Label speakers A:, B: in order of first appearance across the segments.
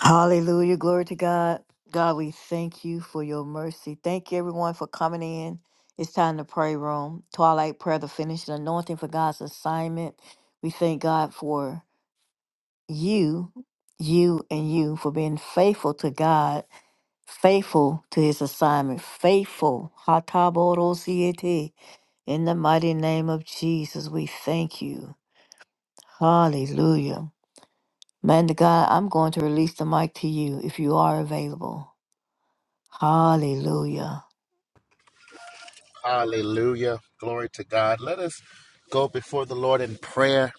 A: Hallelujah. Glory to God. God, we thank you for your mercy. Thank you, everyone, for coming in. It's time to pray room. Twilight prayer, the finishing anointing for God's assignment. We thank God for you, you, and you for being faithful to God, faithful to his assignment, faithful. Hatabodosiete. In the mighty name of Jesus, we thank you. Hallelujah. Man to God, I'm going to release the mic to you if you are available. Hallelujah.
B: Hallelujah. Glory to God. Let us go before the Lord in prayer.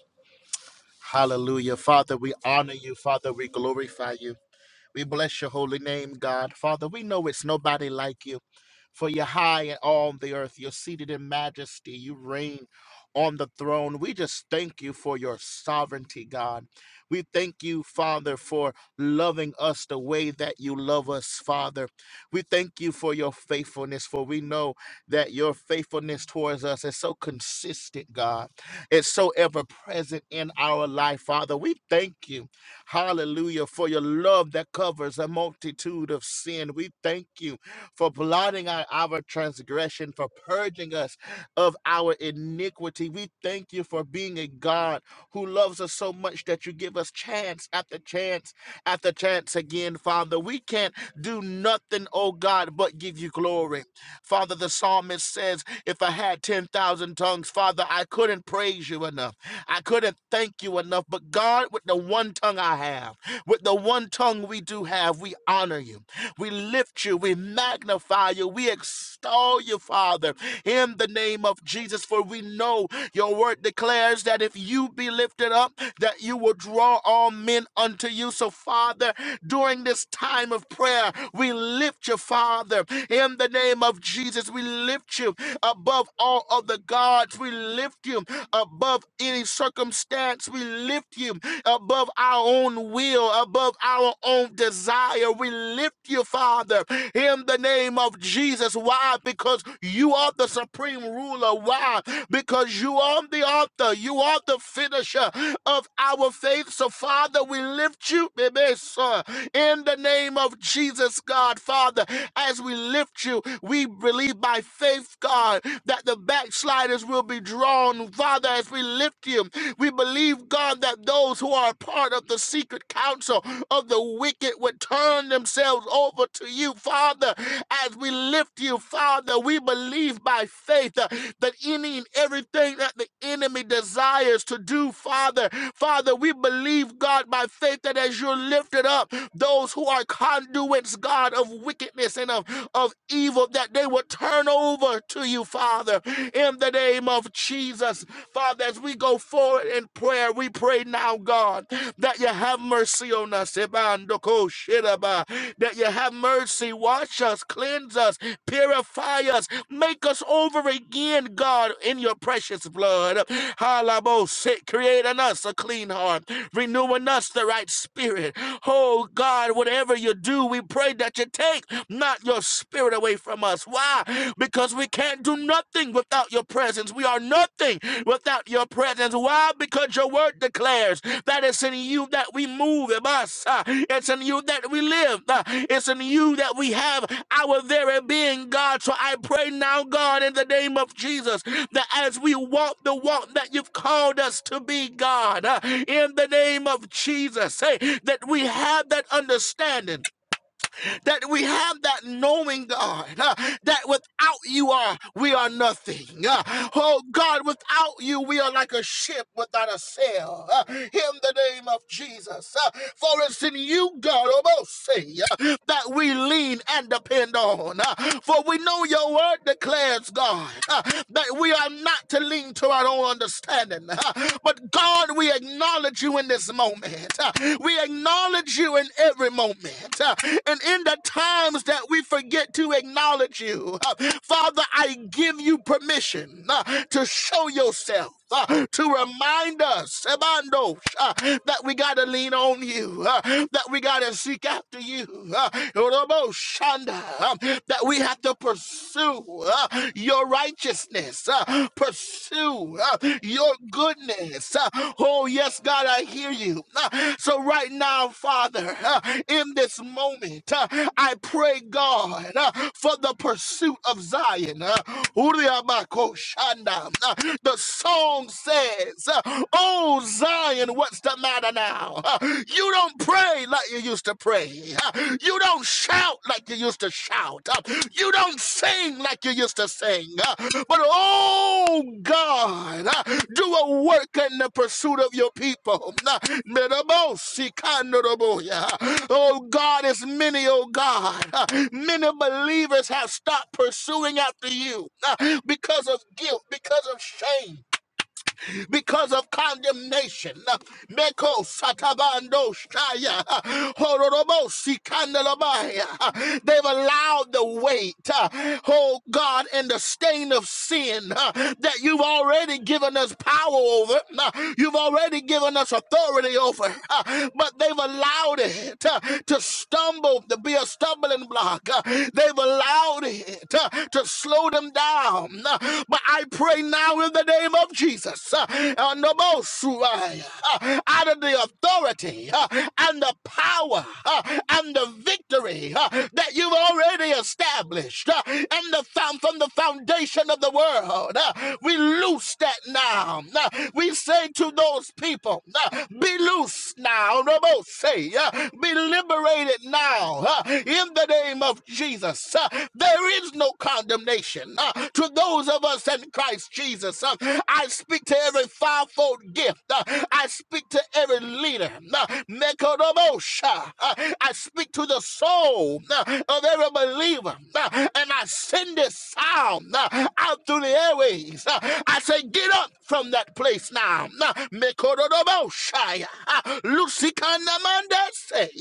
B: Hallelujah. Father, we honor you. Father, we glorify you. We bless your holy name, God. Father, we know it's nobody like you, for you're high and on the earth. You're seated in majesty. You reign on the throne. We just thank you for your sovereignty, God. We thank you, Father, for loving us the way that you love us, Father. We thank you for your faithfulness, for we know that your faithfulness towards us is so consistent, God. It's so ever present in our life, Father. We thank you. Hallelujah. For your love that covers a multitude of sin. We thank you for blotting out our transgression, for purging us of our iniquity. We thank you for being a God who loves us so much that you give us chance after chance after chance again, Father. We can't do nothing, oh God, but give you glory. Father, the psalmist says, If I had 10,000 tongues, Father, I couldn't praise you enough. I couldn't thank you enough. But God, with the one tongue I have, with the one tongue we do have, we honor you. We lift you, we magnify you, we extol you, Father, in the name of Jesus. For we know your word declares that if you be lifted up, that you will draw all men unto you. So, Father, during this time of prayer, we lift you, Father, in the name of Jesus. We lift you above all of the gods. We lift you above any circumstance. We lift you above our own will will above our own desire. We lift you, Father, in the name of Jesus. Why? Because you are the supreme ruler. Why? Because you are the author, you are the finisher of our faith. So, Father, we lift you, baby, sir, in the name of Jesus, God, Father. As we lift you, we believe by faith, God, that the backsliders will be drawn. Father, as we lift you, we believe, God, that those who are part of the secret council of the wicked would turn themselves over to you, Father, as we lift you, Father. We believe by faith uh, that any and everything that the enemy desires to do, Father, Father, we believe, God, by faith that as you're lifted up, those who are conduits, God, of wickedness and of, of evil, that they will turn over to you, Father, in in the name of Jesus. Father, as we go forward in prayer, we pray now, God, that you have mercy on us. Ebandoko That you have mercy. Wash us, cleanse us, purify us, make us over again, God, in your precious blood. Halabo create in us a clean heart, renewing us the right spirit. Oh God, whatever you do, we pray that you take not your spirit away from from us. Why? Because we can't do nothing without your presence. We are nothing without your presence. Why? Because your word declares that it's in you that we move in us. uh, It's in you that we live. uh, It's in you that we have our very being, God. So I pray now, God, in the name of Jesus, that as we walk the walk that you've called us to be, God, uh, in the name of Jesus, say that we have that understanding that we have that knowing, God, uh, that without you are we are nothing. Uh, oh God, without you we are like a ship without a sail. Uh, in the name of Jesus, uh, for it's in you, God, almost say uh, that we lean and depend on. Uh, for we know your word declares, God, uh, that we are not to lean to our own understanding, uh, but God. Lord, we acknowledge you in this moment. Uh, We acknowledge you in every moment. Uh, And in the times that we forget to acknowledge you, uh, Father, I give you permission uh, to show yourself. uh, to remind us, Ebando, uh, that we got to lean on you, uh, that we got to seek after you, uh, Orobo Shanda, uh, that we have to pursue uh, your righteousness, uh, pursue uh, your goodness. uh, oh, yes, God, I hear you. Uh, so, right now, Father, uh, in this moment, uh, I pray, God, uh, for the pursuit of Zion. Uh, Uriabakoshanda. Uh, the song says, uh, Oh, Zion, what's the matter now? Uh, you don't pray pray like you used to pray. You don't shout like you used to shout. You don't sing like you used to sing. But oh God, do a work in the pursuit of your people. Oh God, it's many, oh God. Many believers have stopped pursuing after you because of guilt, because of shame because of condemnation. Meko satabando shaya, hororobo sikandalabaya. They've allowed the weight, uh, oh God, and the stain of sin uh, that you've already given us power over. uh, You've already given us authority over, uh, but they've allowed it uh, to stumble, to be a stumbling block. uh, They've allowed it uh, to slow them down. uh, But I pray now in the name of of Jesus. Uh, uh, Nobosuai, uh, Out of the authority uh, and the power uh, and the victory uh, that you've already established uh, and the found from the foundation of the world. uh, We loose that now. Uh, We say to those people, uh, be loose now. Nobose, uh, Be liberated now. uh, In the name of Jesus, Uh, there is no condemnation uh, to those of us in Christ Jesus. Uh, I speak to every fivefold gift. Uh, I speak to every leader. Uh, Nekodobosha. Uh, I speak to the soul uh, of every believer. Uh, And I send this sound uh, out through the airways. Uh, I say, get up from that place now. Uh, Mekodobosha. Uh,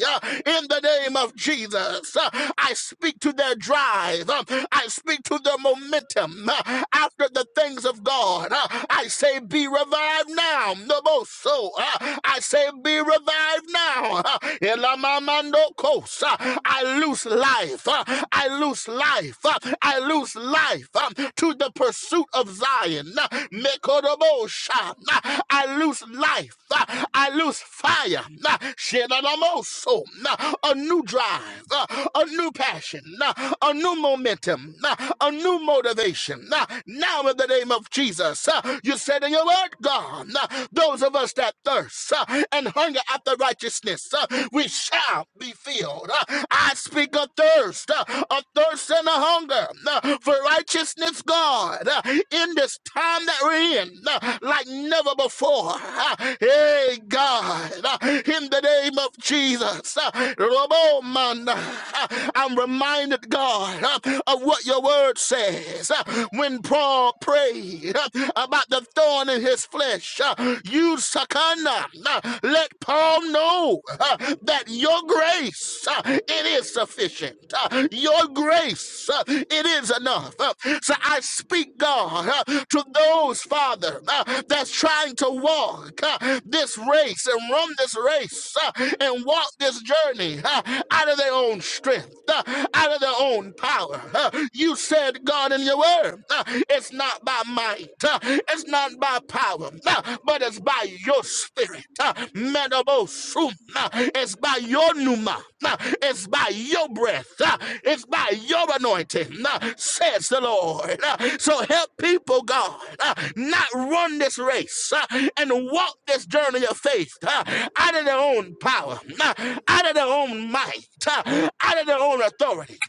B: Uh, In the name of Jesus. Uh, I speak to their drive. Um, I speak to their momentum. Uh, after the things of God. Uh, I say, be revived now. No more so. Uh, I say, be revived now. Uh, Elamamando kos. Uh, I lose life. Uh, I lose life. Uh, I lose life um, to the pursuit of Zion. Uh, Mekodobosha. Uh, I lose life. Uh, I lose fire. Uh, Shenanamoso. Uh, A new drive. Uh, A new passion. Uh, A new momentum. Uh, A new motivation motivation. Now, now in the name of Jesus, uh, you said in your word, God, uh, those of us that thirst uh, and hunger after righteousness, uh, we shall be filled. Uh, I speak of thirst, uh, a thirst and a hunger uh, for righteousness, God, uh, in this time that we're in, uh, like never before. Uh, Hey, God, uh, in the name of Jesus, uh, Robo Manda, uh, I'm reminded, God, uh, of what your word says uh, when Paul prayed uh, about the thorn in his flesh, uh, you, Sakana, uh, let Paul know uh, that your grace, uh, it is sufficient. Uh, Your grace, uh, it is enough. Uh, So I speak, God, uh, to those, Father, uh, that's trying to walk uh, this race and run this race uh, and walk this journey uh, out of their own strength, uh, out of their own power power. Uh, You said, God, in your word, uh, it's not by might, uh, it's not by power, uh, but it's by your spirit. uh, Menobosum, uh, It's by your pneuma, uh, it's by your breath, uh, it's by your anointing, uh, says the Lord. Uh, So help people, God, uh, not run this race uh, and walk this journey of faith uh, out of their own power, uh, out of their own might, uh, out of their own authority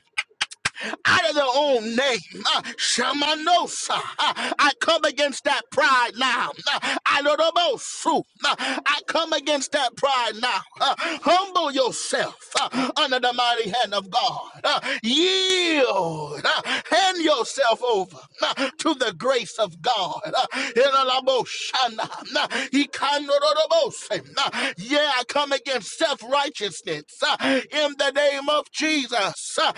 B: out of their own name. Uh, Shamanosa. Uh, I come against that pride now. Uh, I don't know about fruit. Uh, I come against that pride now. Uh, humble yourself uh, under the mighty hand of God. Uh, yield. Uh, hand yourself over uh, to the grace of God. Uh, Elalaboshana. Uh, Ikanorodobosim. Uh, yeah, I come against self righteousness in the name of of Jesus. Uh,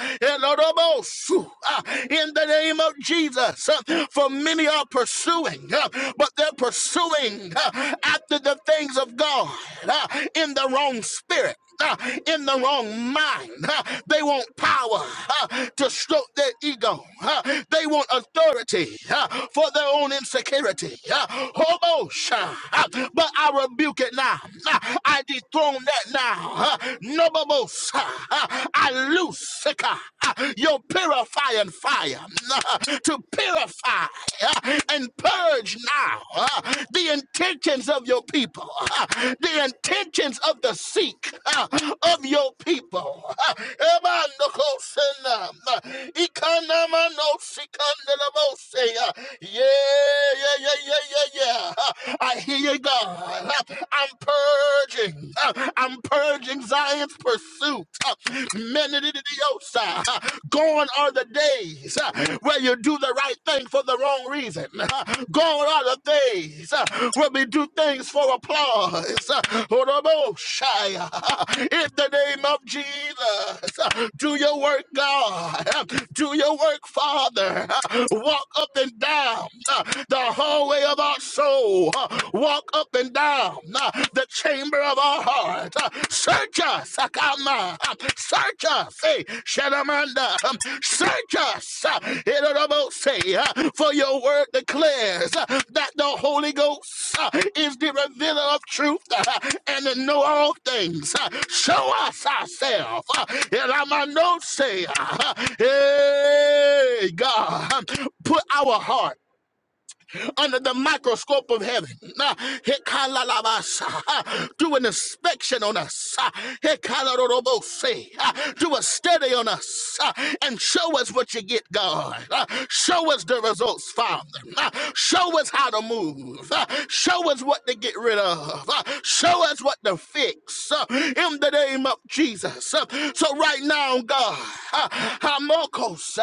B: uh, In the name of Jesus. Uh, For many are pursuing, uh, but they're pursuing uh, after the things of God uh, in the wrong spirit. uh, In the wrong mind, Uh, they want power uh, to stroke their ego. uh, They want authority uh, for their own insecurity. uh, Hobo uh, But I rebuke it now. Uh, I dethrone that now now. Nobobos, I loose Sika, your purifying fire uh, to purify uh, and purge now uh, the intentions of your people, uh, the intentions of the seek uh, of your people. Yeah, yeah, yeah, yeah, yeah, yeah. uh, I hear you, God. uh, I'm purging. Uh, I'm purging Zion's pursuit. Uh, Menidiosa. Uh, Gone are the days uh, where you do the right thing for the wrong reason. Uh, Gone are the days uh, where we do things for applause. Uh, Oroboshaya. Uh, In the name of Jesus, uh, do your work, God. Uh, Do your work, Father. Uh, Walk up and down uh, the hallway of our soul soul uh, walk up and down uh, the chamber of our heart. Uh, search us, Akama. Uh, search us, hey, Shadamanda. Um, search us, uh, Irorobose, uh, for your word declares uh, that the Holy Ghost uh, is the revealer of truth uh, and to know all things. Uh, show us ourselves. Uh, Iramandose, uh, hey, God, um, put our heart under the microscope of heaven. Ah, hekalalabasa. Ah, Do an inspection on us. Ah, hekalarorobose. Ah, Do a study on us Ah, and show us what you get, God. Ah, Show us the results, Father. Ah, Show us how to move. Ah, Show us what to get rid of. Ah, Show us what to fix Ah, in the name of Jesus. Ah, So right now, God, ah, Hamokos,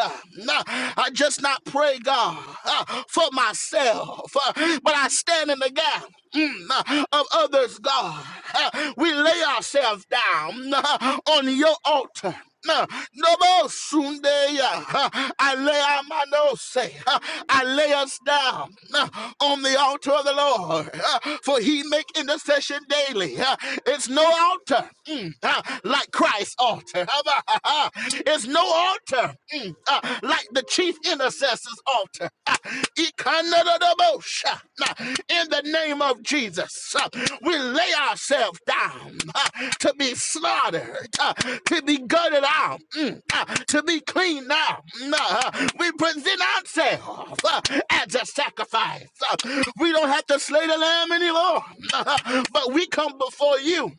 B: ah, I just not pray, God, uh, for myself, uh, but I stand in the gap. mm, uh, Of others, God, Uh, we lay ourselves down uh, on your altar. No, no more Sunday. uh, I lay our manos, say, uh, I lay us down uh, on the altar of the Lord, uh, for He make intercession daily. uh, It's no altar mm, uh, like Christ's altar. It's no altar mm, uh, like the chief intercessor's altar. Ah, Ikanadadabosha. Nah, In the name of Jesus, uh, we lay ourselves down uh, to be slaughtered, uh, to be gutted out, mm, uh, to be cleaned out. Nah, We present ourselves uh, as a sacrifice. Uh, We don't have to slay the lamb anymore, uh, but we come before you.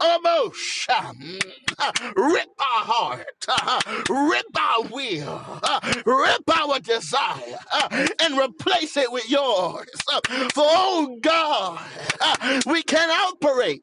B: Almost. uh, Rip our heart. uh, Rip our will. uh, Rip our desire. uh, And replace it with yours. Uh, For, oh God, uh, we can operate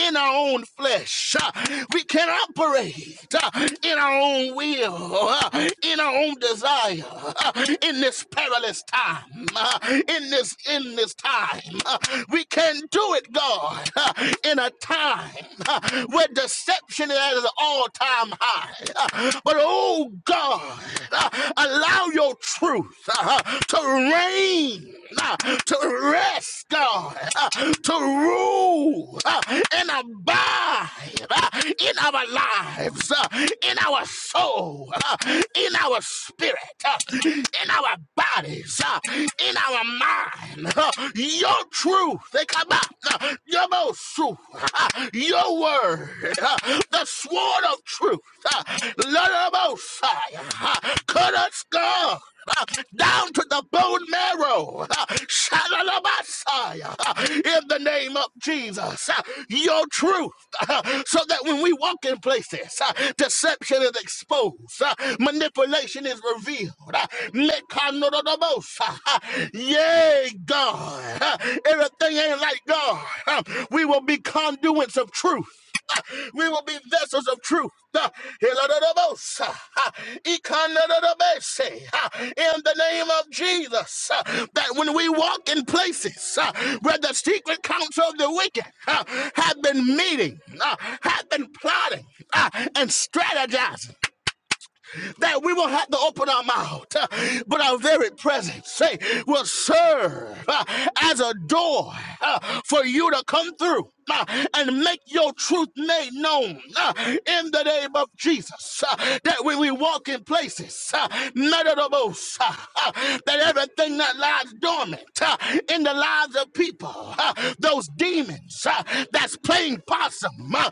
B: in our own flesh. Uh, We can operate uh, in our own will, uh, in our own desire, uh, in this perilous time, uh, in this in this time. uh, We can do it, God, uh, in a time uh, where deception is at an all-time high. Uh, But oh God, uh, allow your truth uh, to reign uh, to rest, God, uh, to rule uh, and abide uh, in our lives, uh, in our soul, uh, in our spirit, uh, in our bodies, uh, in our mind. uh, your truth, they come out, uh, your most truth, uh, your word, uh, the sword of truth. Uh, Lord of Mosiah, uh, cut us, God uh, down to the bone marrow. Uh, Shalalabasaya. uh, In the name of Jesus, uh, your truth, uh, so that when we walk in places, uh, deception is exposed, uh, manipulation is revealed. Uh, Mekanododobosa. uh, Yay, God. uh, Everything ain't like God. Uh, We will be conduits of truth. We will be vessels of truth. Uh, uh, uh, uh, In the name of Jesus, uh, that when we walk in places uh, where the secret counsel of the wicked uh, have been meeting, uh, have been plotting, uh, and strategizing that we will have to open our mouth, uh, but our very presence say, will serve uh, as a door uh, for you to come through. uh, and make your truth made known uh, in the name of Jesus. uh, that when we walk in places, uh, none of the most that everything that lies dormant uh, in the lives of people, uh, those demons uh, that as playing possum, uh,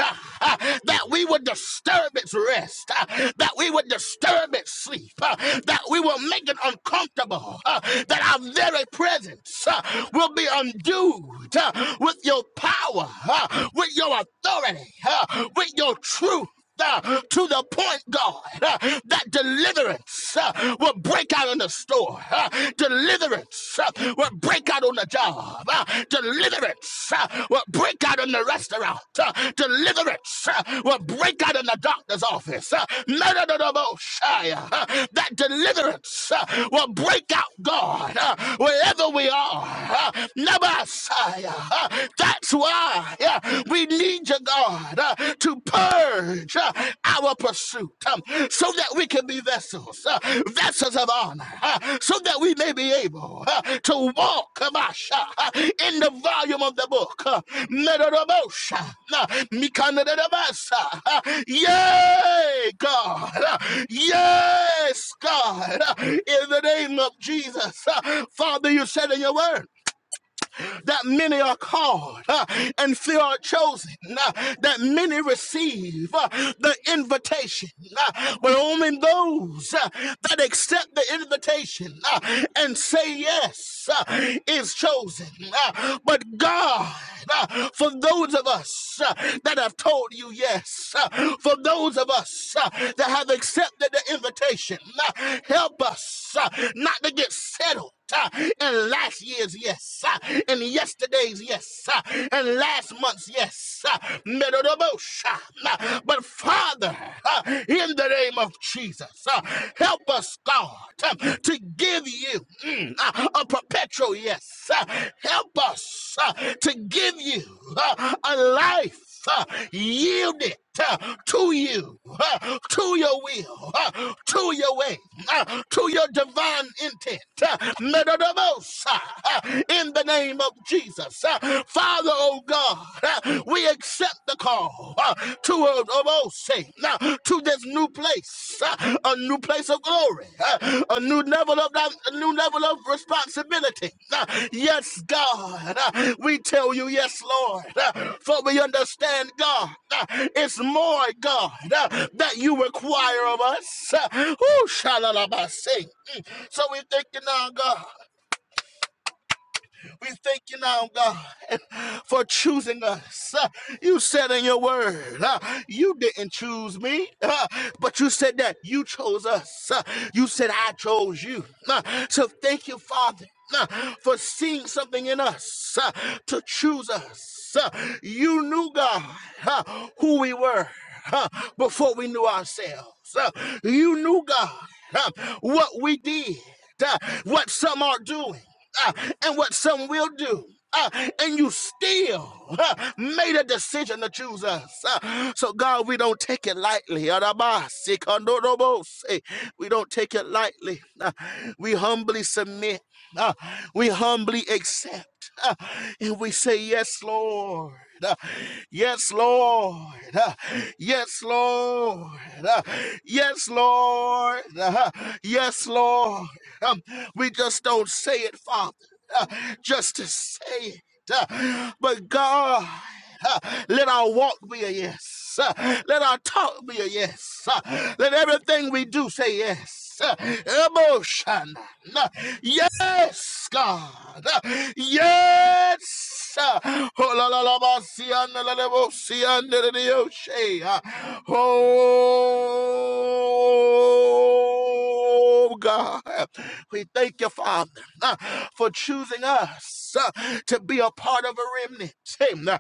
B: uh, uh, that we would disturb its rest, uh, that we would disturb its sleep, uh, that we will make it uncomfortable, uh, that our very presence uh, will be endued uh, with your power, uh, with your authority, uh, with your truth uh, to the point, God, uh, that deliverance uh, will break out in the store. uh, deliverance uh, will break out on the job. uh, deliverance uh, will break out in the restaurant. uh, deliverance uh, will break out in the doctor's office. uh, no, no, no, no, no, Shia, uh, that deliverance uh, will break out, God, uh, wherever we are. uh, Never, Shia, uh, That's why. Yeah, we need you, God, uh, to purge uh, our pursuit um, so that we can be vessels, uh, vessels of honor, uh, so that we may be able uh, to walk Kamasha, uh, in the volume of the book. uh, Merodobosha, uh, uh, Yay, God. uh, Yes, God. uh, In the name of Jesus, uh, Father, you said in your word that many are called uh, and few are chosen, uh, that many receive uh, the invitation. uh, but only those uh, that accept the invitation uh, and say yes uh, is chosen. uh, but God, uh, for those of us uh, that have told you yes, uh, for those of us uh, that have accepted the invitation, uh, help us uh, not to get settled uh, and last year's yes, uh, and yesterday's yes, uh, and last month's yes. uh, Medodobosham. Uh, But Father, uh, in the name of Jesus, uh, help us, God, um, to give you mm, uh, a perpetual yes. uh, Help us uh, to give you uh, a life uh, yield it uh, to you, uh, to your will, uh, to your way, uh, to your divine intent. uh, Metanomosa, uh, In the name of Jesus. uh, Father, oh God, uh, we accept the call uh, to, uh, to this new place place, uh, a new place of glory, uh, a new level of that, a new level of responsibility. Uh, Yes, God, uh, we tell you, yes, Lord, uh, for we understand, God, uh, it's more, God, uh, that you require of us. Uh, whoo, shalalabase. Mm. So we thank you now, God. We thank you now, God, for choosing us. Uh, You said in your word, uh, you didn't choose me, uh, but you said that you chose us. Uh, You said I chose you. Uh, So thank you, Father. uh, For seeing something in us uh, to choose us. Uh, You knew, God, uh, who we were uh, before we knew ourselves. Uh, You knew, God, uh, what we did, uh, what some are doing uh, and what some will do. uh, and you still uh, made a decision to choose us. Uh, so, God, we don't take it lightly. Araba, sikandorobo, say, We don't take it lightly. Uh, we humbly submit. Uh, we humbly accept. Uh, And we say, Yes, Lord. Uh, Yes, Lord. Uh, Yes, Lord. Uh, Yes, Lord. Uh, Yes, Lord. Um, We just don't say it, Father, uh, just to say it. Uh, But God. Let our walk be a yes. Let our talk be a yes. Let everything we do say yes. Emotion. Yes, God. Yes. Oh, la, la, la, ba, si, an, la, la, la, bo, si, an, da, da, da, yo, she. ah. Oh, God. We thank you, Father. uh, for choosing us uh, to be a part of a remnant. uh,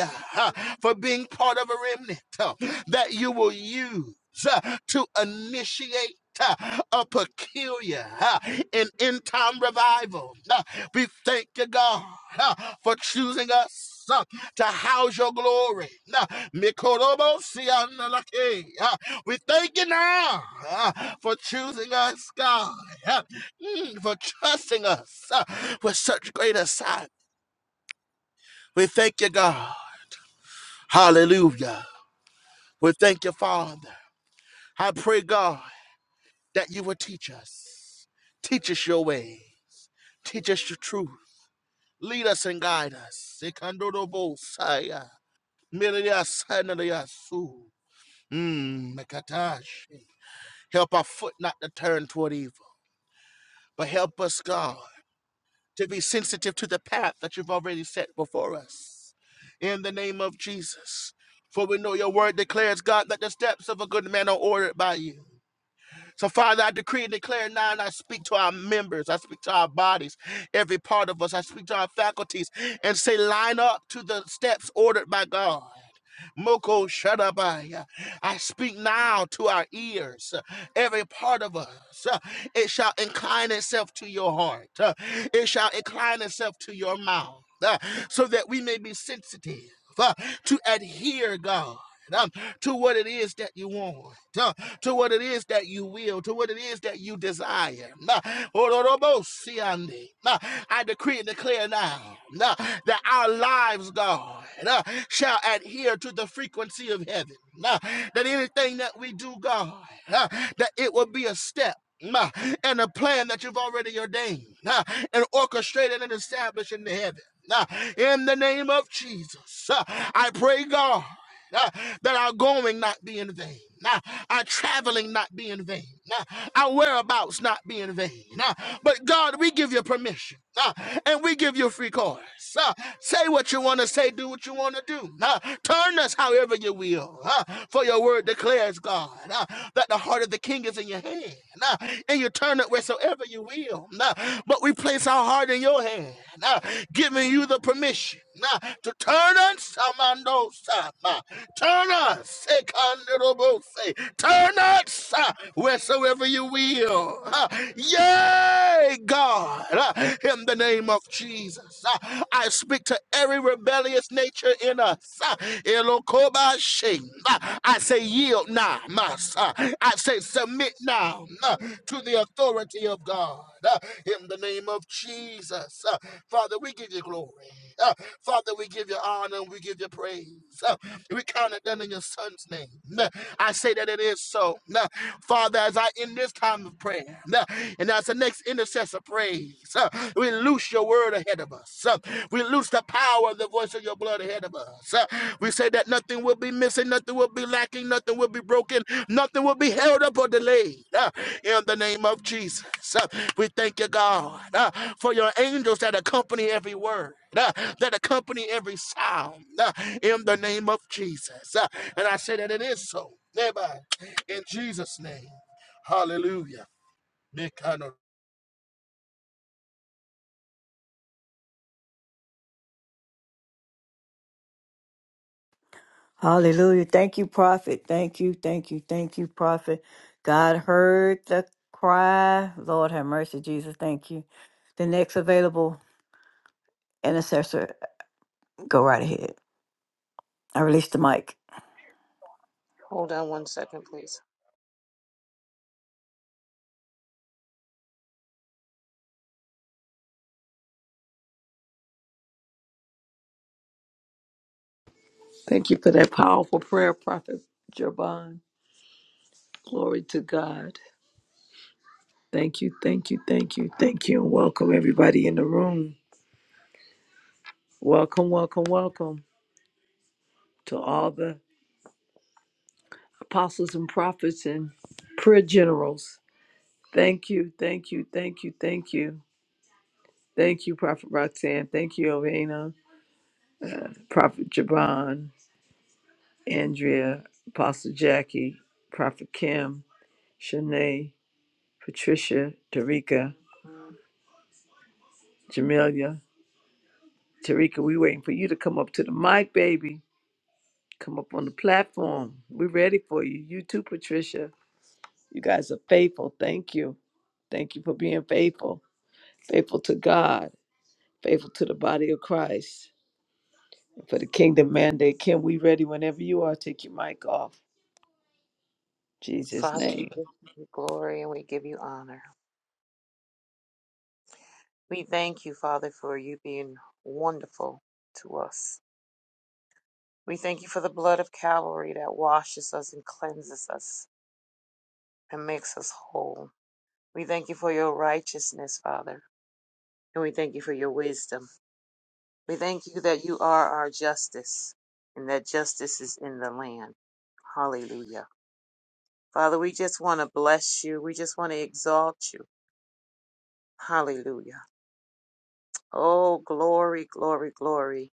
B: uh, uh, For being part of a remnant uh, that you will use uh, to initiate. uh, A peculiar uh, and end time revival. Uh, We thank you, God, uh, for choosing us uh, to house your glory. Uh, Mikorobosianalake, uh, We thank you now uh, for choosing us, God. uh, Mm, for trusting us uh, with such great a sight, We thank you, God. Hallelujah. We thank you, Father. I pray, God, that you will teach us. Teach us your way. Teach us your truth. Lead us and guide us. Ikandorobosaya, miliasanaliasu. Mm, makatash. Help our foot not to turn toward evil, but help us, God. to be sensitive to the path that you've already set before us. In the name of Jesus. For we know your word declares, God, that the steps of a good man are ordered by you. So, Father, I decree and declare now, and I speak to our members, I speak to our bodies, every part of us, I speak to our faculties, and say, line up to the steps ordered by God. Moko Shadabaya. I speak now to our ears, uh, every part of us. uh, It shall incline itself to your heart, uh, it shall incline itself to your mouth, uh, so that we may be sensitive uh, to adhere, God. um, to what it is that you want. uh, to what it is that you will, to what it is that you desire. Nah, Nah, I decree and declare now nah, that our lives, God, nah, shall adhere to the frequency of heaven. Nah, that anything that we do, God, nah, that it will be a step. nah, And a plan that you've already ordained nah, and orchestrated and established in the heaven. Nah, In the name of Jesus, uh, I pray, God uh, that our going not be in vain, uh, our traveling not be in vain, uh, our whereabouts not be in vain. uh, But God, we give you permission uh, and we give you free course. uh, Say what you want to say, do what you want to do. uh, Turn us however you will, uh, for your word declares, God, uh, that the heart of the king is in your hand uh, and you turn it wheresoever you will. uh, but we place our heart in your hand, uh, giving you the permission uh, to turn us, Amando Sama. turn us, Sekandorobose. turn us uh, wheresoever you will. Uh, yay, God, uh, in the name of Jesus, uh, I speak to every rebellious nature in us. uh, Elokobashe. uh, I say, yield now, Master. I say, submit now uh, to the authority of God. uh, In the name of Jesus. Uh, Father, we give you glory. Uh, Father, we give you honor and we give you praise. Uh, We count it done in your son's name. Uh, I say that it is so. Uh, Father, as I end this time of prayer, uh, and as the next intercessor prays, uh, we loose your word ahead of us. Uh, We loose the power of the voice of your blood ahead of us. Uh, We say that nothing will be missing, nothing will be lacking, nothing will be broken, nothing will be held up or delayed. Uh, In the name of Jesus, Uh, we thank you, God, uh, for your angels that accompany every word. uh, That accompany every sound uh, in the name of Jesus. Uh, And I say that it is so. Everybody, in Jesus' name. Hallelujah. Be kind of
A: Hallelujah. Thank you, Prophet. Thank you, thank you, thank you, Prophet. God heard the cry. Lord have mercy, Jesus. Thank you. The next available intercessor, go right ahead. I release the mic.
C: Hold on one second, please.
D: Thank you for that powerful prayer, Prophet Jerban. Glory to God. Thank you, thank you, thank you, thank you, and welcome everybody in the room. Welcome, welcome, welcome to all the apostles and prophets and prayer generals. Thank you, thank you, thank you, thank you. Thank you, Prophet Roxanne. Thank you, Ovena, Prophet Jaban, Andrea, Apostle Jackie, Prophet Kim, Shanae, Patricia, Tarika, Jamelia, Tarika, we waiting for you to come up to the mic, baby. Come up on the platform. We're ready for you. You too, Patricia. You guys are faithful. Thank you. Thank you for being faithful. Faithful to God. Faithful to the body of Christ. For the kingdom mandate. Kim, we ready whenever you are. Take your mic off. Jesus'
C: Father,
D: name.
C: we give you glory and we give you honor. We thank you, Father, for you being wonderful to us. We thank you for the blood of Calvary that washes us and cleanses us and makes us whole. We thank you for your righteousness, Father, and we thank you for your wisdom. We thank you that you are our justice and that justice is in the land. Hallelujah. Father, we just want to bless you. We just want to exalt you. Hallelujah. Oh, glory, glory, glory,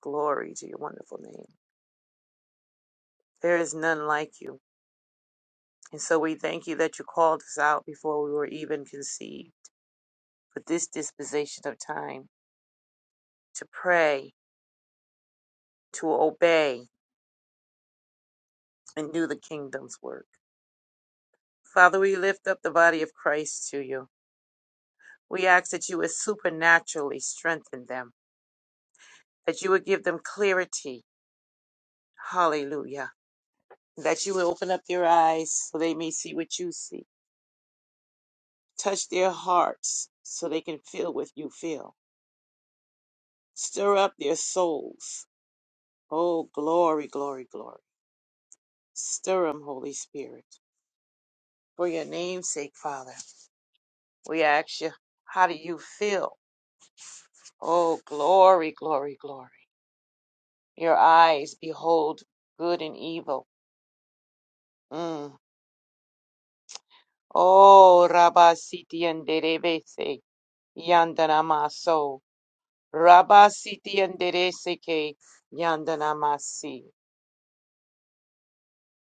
C: glory to your wonderful name. There is none like you. And so we thank you that you called us out before we were even conceived for this disposition of time to pray, to obey, and do the kingdom's work. Father, we lift up the body of Christ to you. We ask that you would supernaturally strengthen them, that you would give them clarity. Hallelujah. That you would open up their eyes so they may see what you see Touch their hearts so they can feel what you feel. Stir up their souls. Oh, glory, glory, glory. Stir them, Holy Spirit. For your name's sake, Father, we ask you, how do you feel? Oh, glory, glory, glory. Your eyes behold good and evil. Mm. Oh, Rabba Siti and Derebese, Yandanamaso. Rabba Siti and Dereseke, Yandanamasi.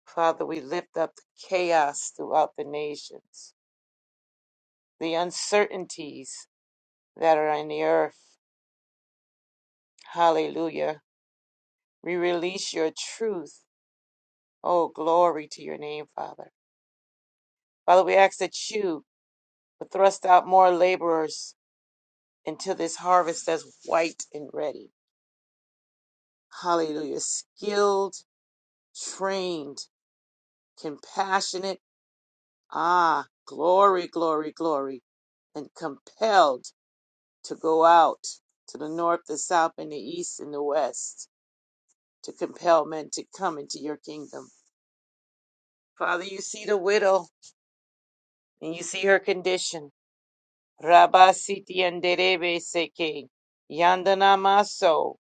C: Father, we lift up the chaos throughout the nations, the uncertainties that are in the earth. Hallelujah. We release your truth. Oh, glory to your name, Father. Father, we ask that you would thrust out more laborers into this harvest that's white and ready. Hallelujah. Skilled, trained, compassionate. Ah, glory, glory, glory. And compelled. to go out to the north, the south, and the east, and the west to compel men to come into your kingdom. Father, you see the widow and you see her condition. Rabba siti anderebe seke yandana maso.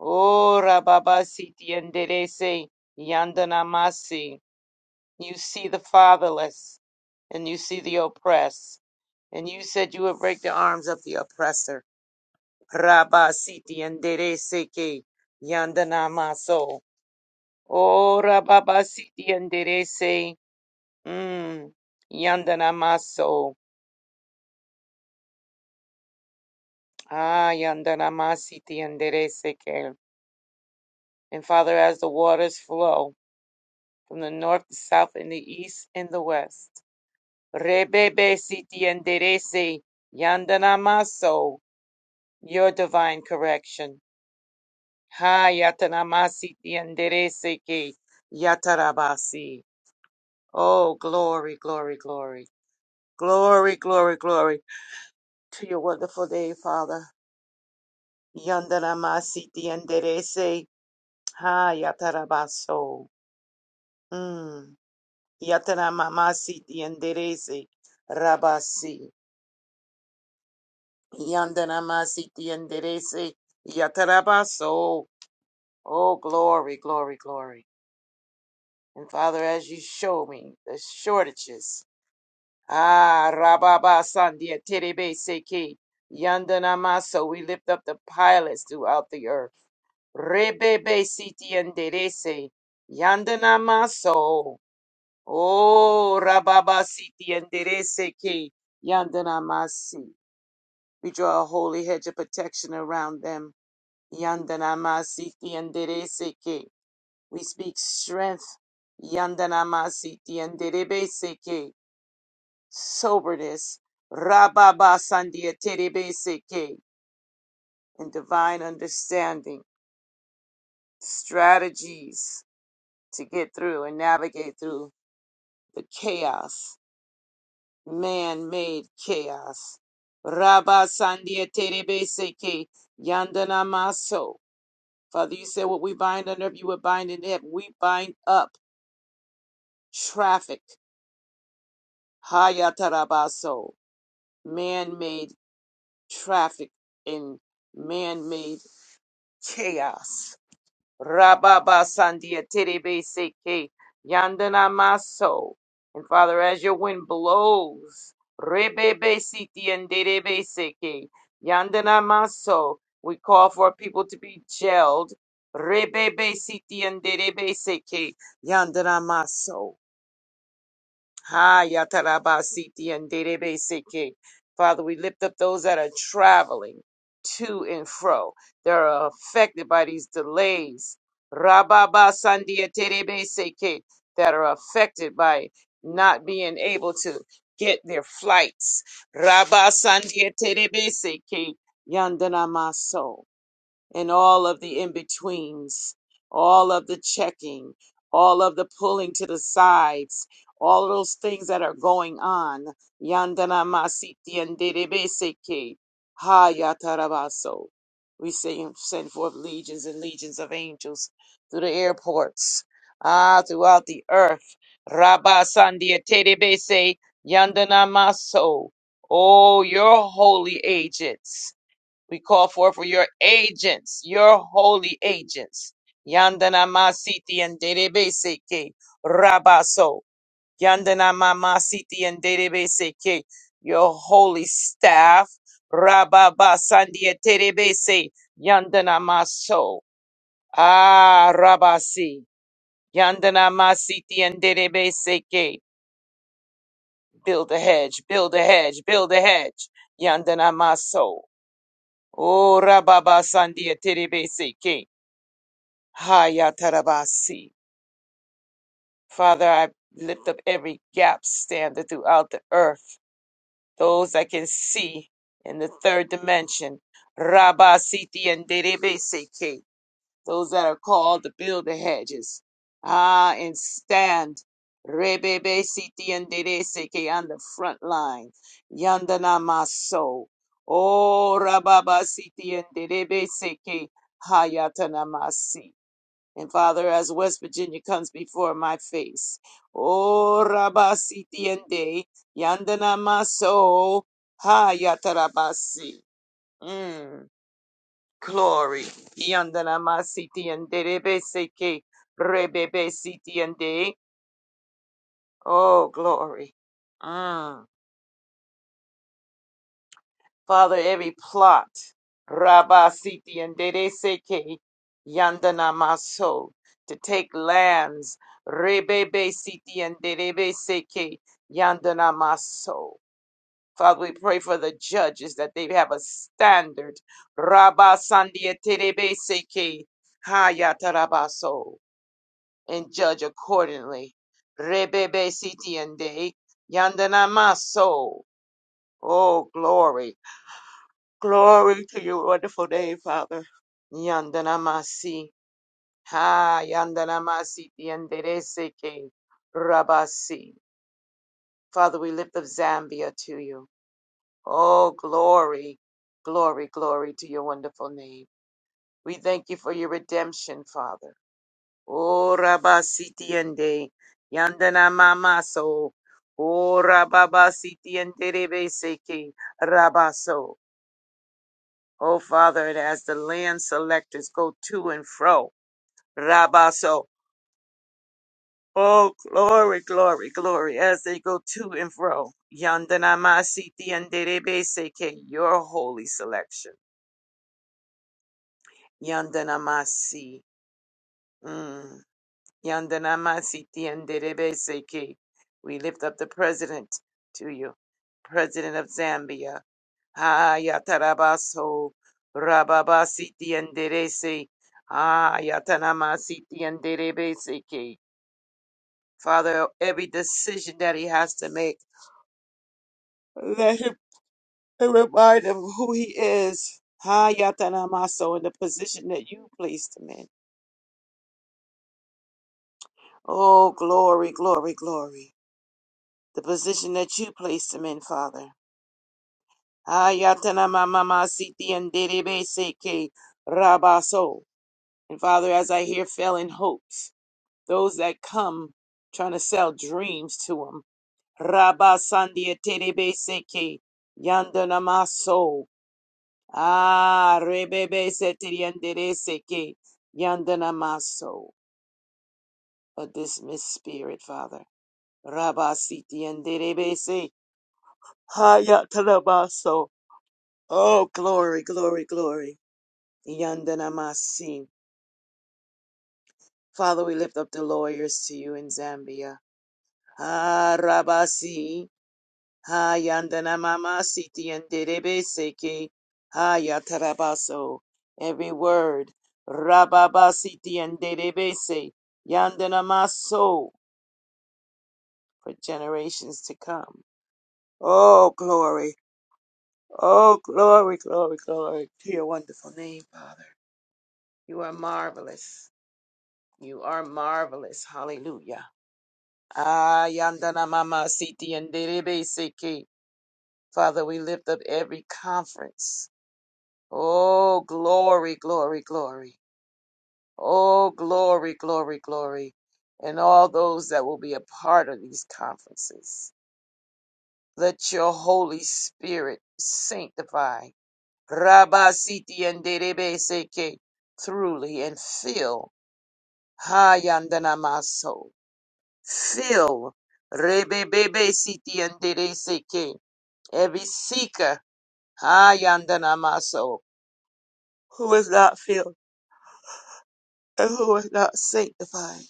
C: Oh, rababa siti anderese yandana masi. You see the fatherless and you see the oppressed. And you said you would break the arms of the oppressor. Rabasiti andere seke yandana maso. Oh rababasiti andere se. Mm. Yandana maso. Ah, yandana masiti andere seke. And Father, as the waters flow from the north, the south, and the east and the west. Rebebe siti andere se. Yandana maso. Your divine correction. Ha yatana masiti andere seke. Yatarabasi. Oh, glory, glory, glory. Glory, glory, glory to your wonderful day, Father. Yandana masiti enderece. Ha, yatarabaso. Mm. Yatara mamasiti enderece. Rabasi. Yandana masiti enderece. Yatarabaso. Oh, glory, glory, glory. And Father, as you show me the shortages Ah, Rababa Sandia Terebe Seki. Yandana Maso, we lift up the pilots throughout the earth. Rebebe Siti and Derese. Yandana Maso. Oh, Rababa Siti and Derese Ki. Yandana Masi. We draw a holy hedge of protection around them. Yandana Masiti and Derese Ki. We speak strength. Yandana Masiti and Derebe Seki soberness, Rababa Sandia Terebeseke, and divine understanding, strategies to get through and navigate through the chaos, man made chaos. Rabba Sandia Terebeseke, Yandana Maso. Father, you said what we bind on earth, you would bind in heaven. We bind up traffic, Hayatarabaso, man made traffic and man made chaos. Rababa Sandia Terebe Seke Yandana Maso. And Father, as your wind blows, Rebebe Siti and Derebe Seke Yandana Maso, we call for people to be jailed. Rebebe Siti and Derebe Seke Yandana Maso. Ha yatarabasiti and derebeseke. Father, we lift up those that are traveling to and fro. They're affected by these delays. Rababa sandia terebeseke that are affected by not being able to get their flights. Rabba sandia terebeseke yandana maso and all of the in betweens, all of the checking, all of the pulling to the sides, all of those things that are going on. Yandana masiti and derebeseke. Ha yatarabaso. We send, send forth legions and legions of angels through the airports, ah, throughout the earth. Rabba sandia terebese yandana maso. Oh, your holy agents. We call forth for your agents, your holy agents. Yandana Masiti and Derebeseke Rabaso. Yandana masiti and Derebeseke, your holy staff. Rababa Sandia Terebese. Yandana Maso. Ah, Rabasi. Yandana Masiti and Derebeseke. Build a hedge, build a hedge, build a hedge. Yandana Maso. Oh, Rababa Sandia Terebeseke. Hayatarabasi. Father, I lift up every gap stander throughout the earth, those I can see in the third dimension. Rabasiti and Derebeseke, those that are called to build the hedges. Ah, and stand. Rebebesiti and Derebeseke on the front line. Yandana Maso. Oh, Rababasiti and Derebeseke. Hayatanamasi. And Father, as West Virginia comes before my face, oh Rabasitiende, Yandana Maso, Ha Yatarabasi. Mm, glory. Yandana Masitiende, Rebeseke, Rebebe Siti and day, Oh, glory. Mm. Father, every plot, Rabba Siti and Dede Seke, Yandana Maso, to take lands, Rebebe Siti and Dede Seke, Yandana Maso. Father, we pray for the judges that they have a standard. Rabba Sandia Terebe Seke, Hayatarabaso, and judge accordingly. Rebebe Siti and De, Yandana Maso. Oh, glory. Glory to your wonderful name, Father. Yandanamasi. Ha, Yandanamasi, Yandereseke, Rabasi. Father, we lift up Zambia to you. Oh, glory, glory, glory to your wonderful name. We thank you for your redemption, Father. Oh, Rabasi, Tiende, Yandanamamaso. Oh, Rababasi, Tienderebeseke, Rabaso. Oh, Father, and as the land selectors go to and fro, Rabaso, oh, glory, glory, glory, as they go to and fro, Yandanamasi Tianderebeseke, your holy selection. Yandanamasi, mm, Yandanamasi Tianderebeseke. We lift up the president to you, president of Zambia. Ayatarabaso Rababasiti and Derese Ayatanamasiti and Derebeseke. Father, every decision that he has to make, let him remind him who he is. Ayatanamaso in the position that you placed him in. Oh, glory, glory, glory. The position that you placed him in, Father. Ayatanamamasiti and Derebeseke Rabaso. And Father, as I hear failing hopes. Those that come trying to sell dreams to them. Rabba Sandia Terebe Seke Yandanamaso. Ah Rebebe Setiriandere Seke Yandanamaso. A dismissed spirit, Father. Rabba Sitiandere Se Hayatanabaso. Oh, glory, glory, glory. Yandanamasi. Father, we lift up the lawyers to you in Zambia. Ah, Rabasi. Ha yandana mama siti yanderebe seki. Ha yatarabaso. Every word. Rababa siti yanderebe se. Yandana maso. For generations to come. Oh, glory. Oh, glory, glory, glory to your wonderful name, Father. You are marvelous. You are marvelous. Hallelujah. Ah, yandana mama siti yanderebe seki. Father, we lift up every conference. Oh, glory, glory, glory. Oh, glory, glory, glory. And all those that will be a part of these conferences. Let your Holy Spirit sanctify Rabasiti and Derebeseke truly and fill Hayandanamaso. Fill Rebebebesiti and Dereseke every seeker Hayandanamaso who is not filled and who is not sanctified.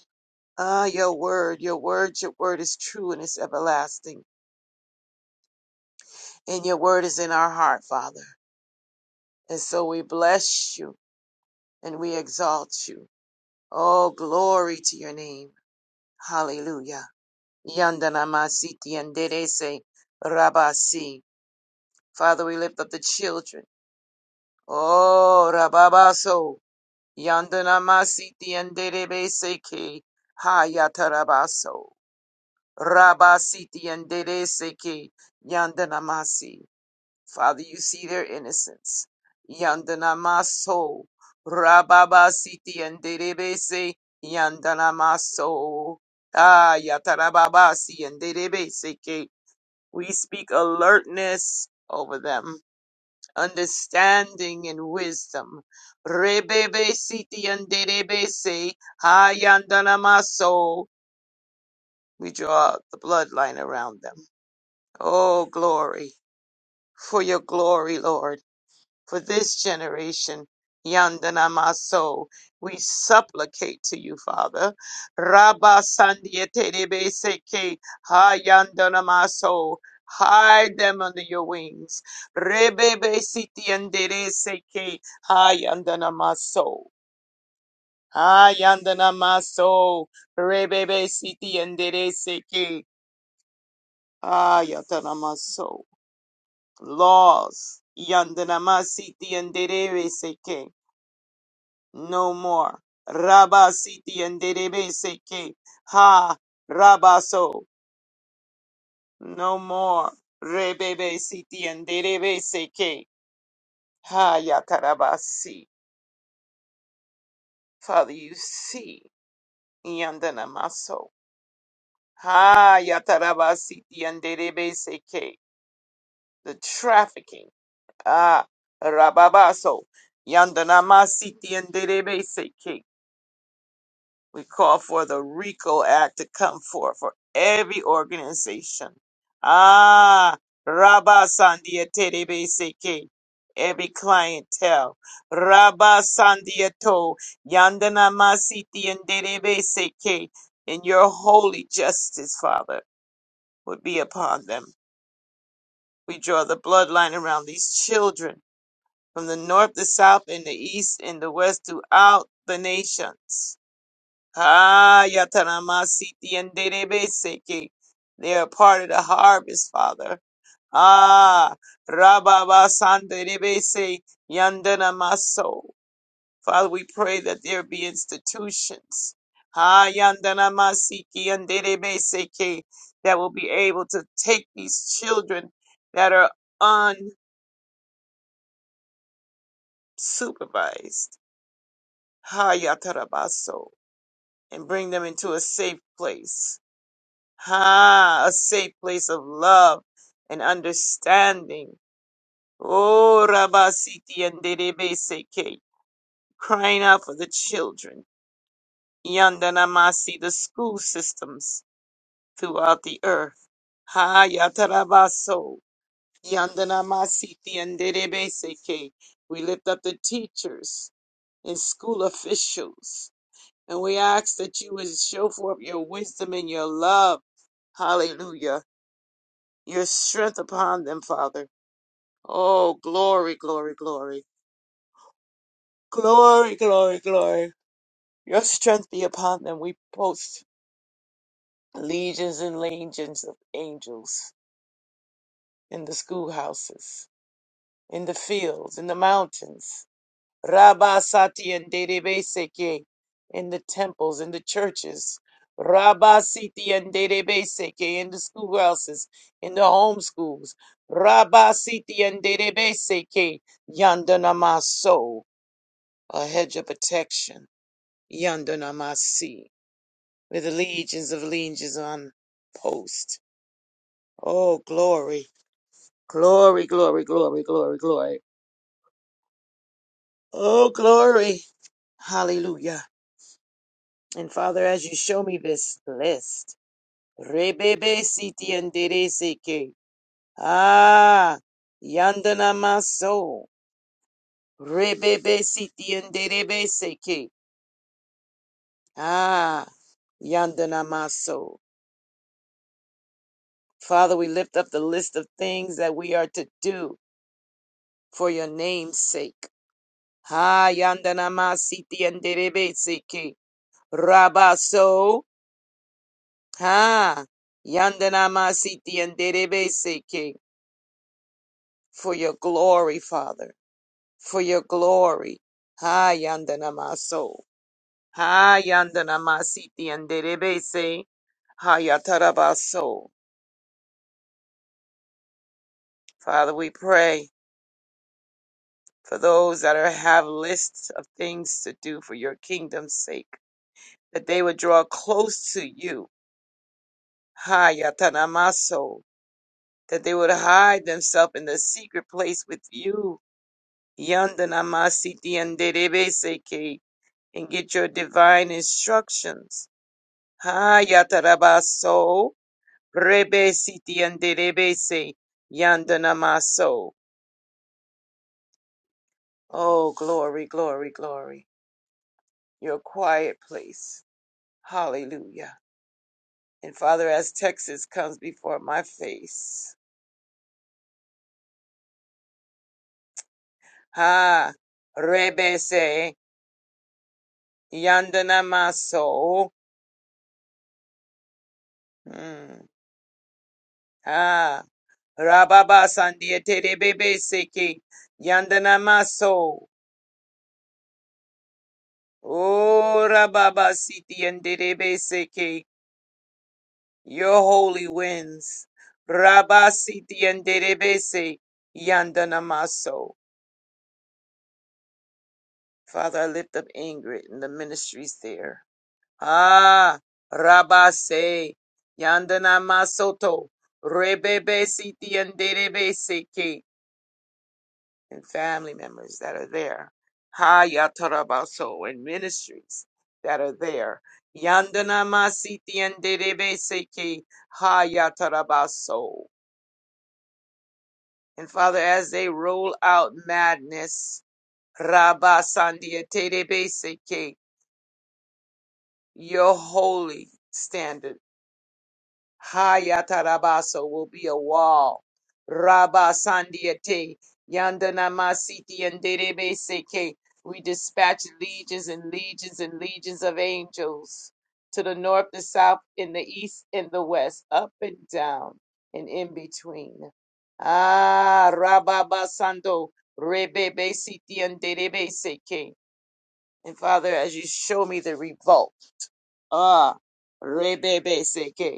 C: Ah, your word, your word, your word is true and it's everlasting. And your word is in our heart, Father. And so we bless you and we exalt you. Oh, glory to your name. Hallelujah. Yandanamasi tienderese rabasi. Father, we lift up the children. Oh, rababaso. Yandanamasi tienderebese ke hayatarabaso. Rabasi tienderese ke yandanamasi. Father, you see their innocence. Yandanamaso, Rababa Siti and Derebese, Yandanamaso, Ah, Yatarababasi and Derebese. We speak alertness over them, understanding and wisdom. Rebebe Siti and Derebese, Ah, Yandanamaso. We draw the bloodline around them. Oh, glory, for your glory, Lord. for this generation. Yandana Maso, we supplicate to you, Father. Rabba Sandiete Debe Seke, Ha Yandana Maso, hide them under your wings. Rebebe Siti Andere Seke, Ha Yandana Maso. Ha Yandana Maso, Rebebe Siti Andere Seke, Ha Yandana Maso. Laws, Yandana Masiti Andere Seke. no more. Rabba siti and derebe seke. Ha, rabaso, no more. Rebebe siti and derebe seke. Ha, yatarabasi. Father, you see. Yandana maso. Ha, yatarabasi and derebe seke. The trafficking. Ah, rababaso. Yandana masiti and derebe seke. We call for the RICO Act to come forth for every organization. Ah, Rabba Sandia Terebe Seke, every clientele. Rabba Sandia To, Yandana Masiti and Derebe Seke, and your holy justice, Father, would be upon them. We draw the bloodline around these children from the north, the south, and the east, and the west throughout the nations. Haya tanamasiti and derebeseke. They are part of the harvest, Father. Ah, Rababa Sanderebese Yandana Maso. Father, we pray that there be institutions. Ah, Yandana Masiki and Derebeseke that will be able to take these children that are unsupervised. Hayatarabaso and bring them into a safe place. Ha, a safe place of love and understanding. Oh, Rabasiti and Derebeseke, crying out for the children. Yandanamasi, the school systems throughout the earth. Ha, Yatarabaso, Yandanamasiti and Derebeseke. We lift up the teachers and school officials, and we ask that you would show forth your wisdom and your love. Hallelujah your strength upon them, Father. Oh, glory, glory, glory. Glory, glory, glory. Your strength be upon them. We post legions and legions of angels in the schoolhouses, in the fields, in the mountains. Rabasati and Derebeseke in the temples, in the churches. Rabasiti and Derebeseke in the schoolhouses, in the homeschools. Rabasiti and Derebeseke Yandanamaso, a hedge of protection. Yandanamasi, with legions of legions on post. Oh, glory, glory, glory, glory, glory, glory. Oh, glory. Hallelujah. And Father, as you show me this list, Rebebe Siti and Dereseke. Ah, Yandana Maso. Rebebe Siti and Derebeseke. Ah, Yandana Maso. Father, we lift up the list of things that we are to do for your name's sake. Ha Yandana Masiti and Derebeseke. Rabaso. Ha Yandana Masiti and Derebeseke. for your glory, Father, for your glory. Ha yandanamaso. Ha yandanamasiti yanderebese. Ha yatarabaso. Father, we pray for those that are, have lists of things to do for your kingdom's sake, that they would draw close to you. Ha yatanamaso. That they would hide themselves in the secret place with you. Yandanamasiti yanderebese ke. And get your divine instructions Hayatarabaso, Rebesiti and Derebese, Yandanamaso. Oh, glory, glory, glory. Your quiet place. Hallelujah. And Father, as Texas comes before my face. Ha, Rebese, Yandanamaso. Hmm. Ha, Rababa Sandia Terebese, Yandanamaso. Oh, Rababa Siti and Derebese, Your holy winds. Rabasiti and Derebese Yandanamaso. Father, I lift up Ingrid and the ministries there. Ah, Rabase Yandanamasoto. Rebebesiti and Derebese Ke. And family members that are there. Ha Yatarabaso and ministries that are there. Yandanamasiti and Derebese Ke. Ha Yatarabaso. And Father, as they roll out madness, Rabba Sandia Tedebeseke, your holy standard. Hayatarabaso will be a wall. Rabba Sandiate, Yandana masiti and Derebe Seke. We dispatch legions and legions and legions of angels to the north, the south, in the east, and the west, up and down, and in between. Ah, Rabba Basando, Rebebe Siti and Derebe Seke. And Father, as you show me the revolt, ah, Rebebe Seke.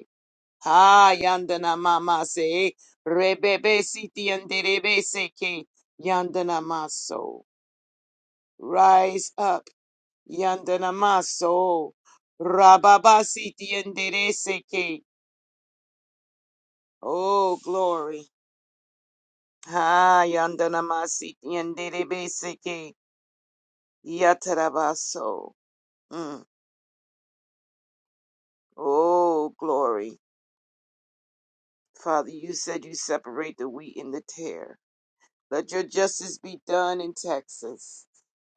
C: Ha yandana mama se rebebe siti yanderebe seke yandana maso. Rise up yandana maso. Rababa siti yandere seke. Oh glory. Ha yandana masiti yanderebe seke yatarabaso. Mm. Oh glory. Father, you said you separate the wheat and the tare. Let your justice be done in Texas.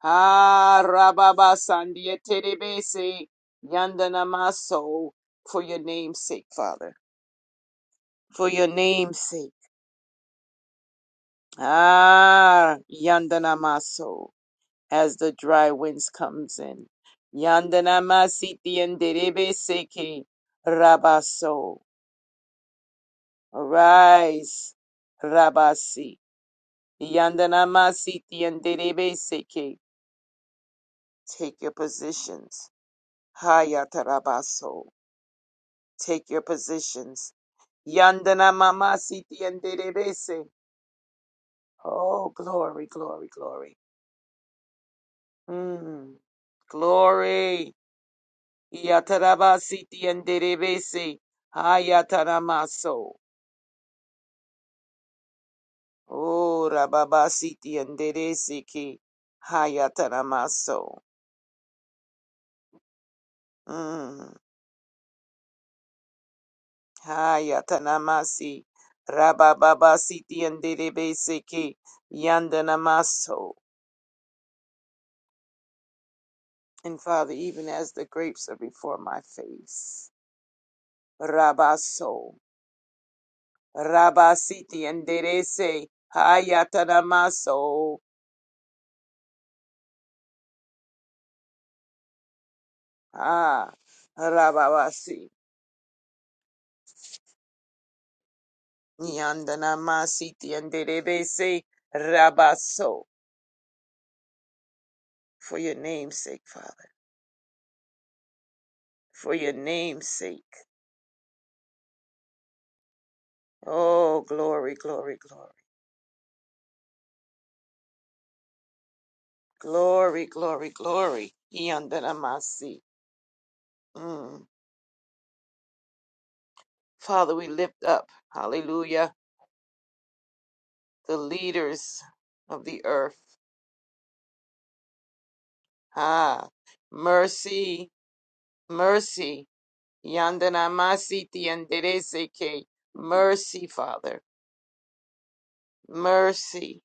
C: Ah, Rababa Sandia Terebese, Yandanamaso, for your name's sake, Father. For your name's sake. Ah, Yandanamaso, as the dry winds comes in. Yandanamasiti and Terebeseke, Rabaso, arise, Rabasi. Yandanamasiti and Terebeseke, take your positions. Hayatarabaso. Take your positions. Yandana mama siti yanderebese. Oh, glory, glory, glory. Mm, glory. Yatarabasiti yanderebese. Hayataramaso. Oh, rababasiti yanderese ki. Hayataramaso. Mm, hayatanamasi. Rabababasiti yanderebese Yandanamaso. And Father, even as the grapes are before my face, Rabaso, Rabasiti, and Derese, Hayatanamaso, Ah, Rababasi, Yandanamasiti, and Derebese, Rabaso, for your name's sake, Father, for your name's sake. Oh, glory, glory, glory, glory, glory, glory, Yandanamasi. Mm. Father, we lift up, hallelujah the leaders of the earth. Ah, mercy, mercy. Yandanamasi tianderese ke. Mercy, Father. Mercy.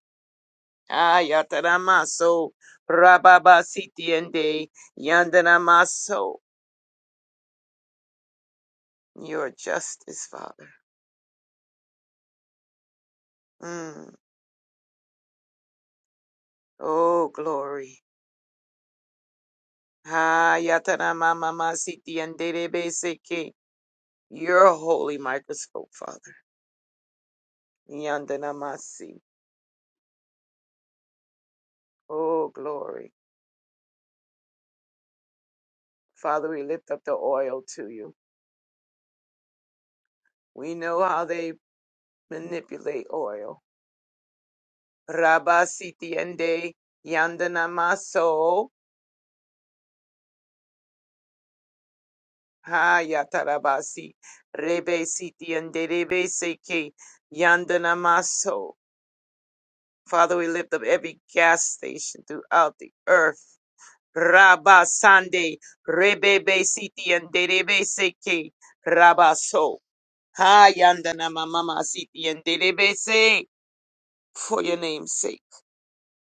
C: Ah, yataramaso. Rababasi tiende. Yandanamaso. Your justice, Father. Mm. Oh, glory. Ah, yataramamamasi tianderebese ke. Your holy microscope, Father. Yandanamasi. Oh, glory. Father, we lift up the oil to you. We know how they manipulate oil. Rabba sitiende yandana maso. Ha yatarabasi. Rebe sitiende rebe seke yandana maso. Father, we lift up every gas station throughout the earth. Rabba sande rebe be sitiende rebe seke rabaso. Ha yandana mama sitiende rebe se. for your name's sake.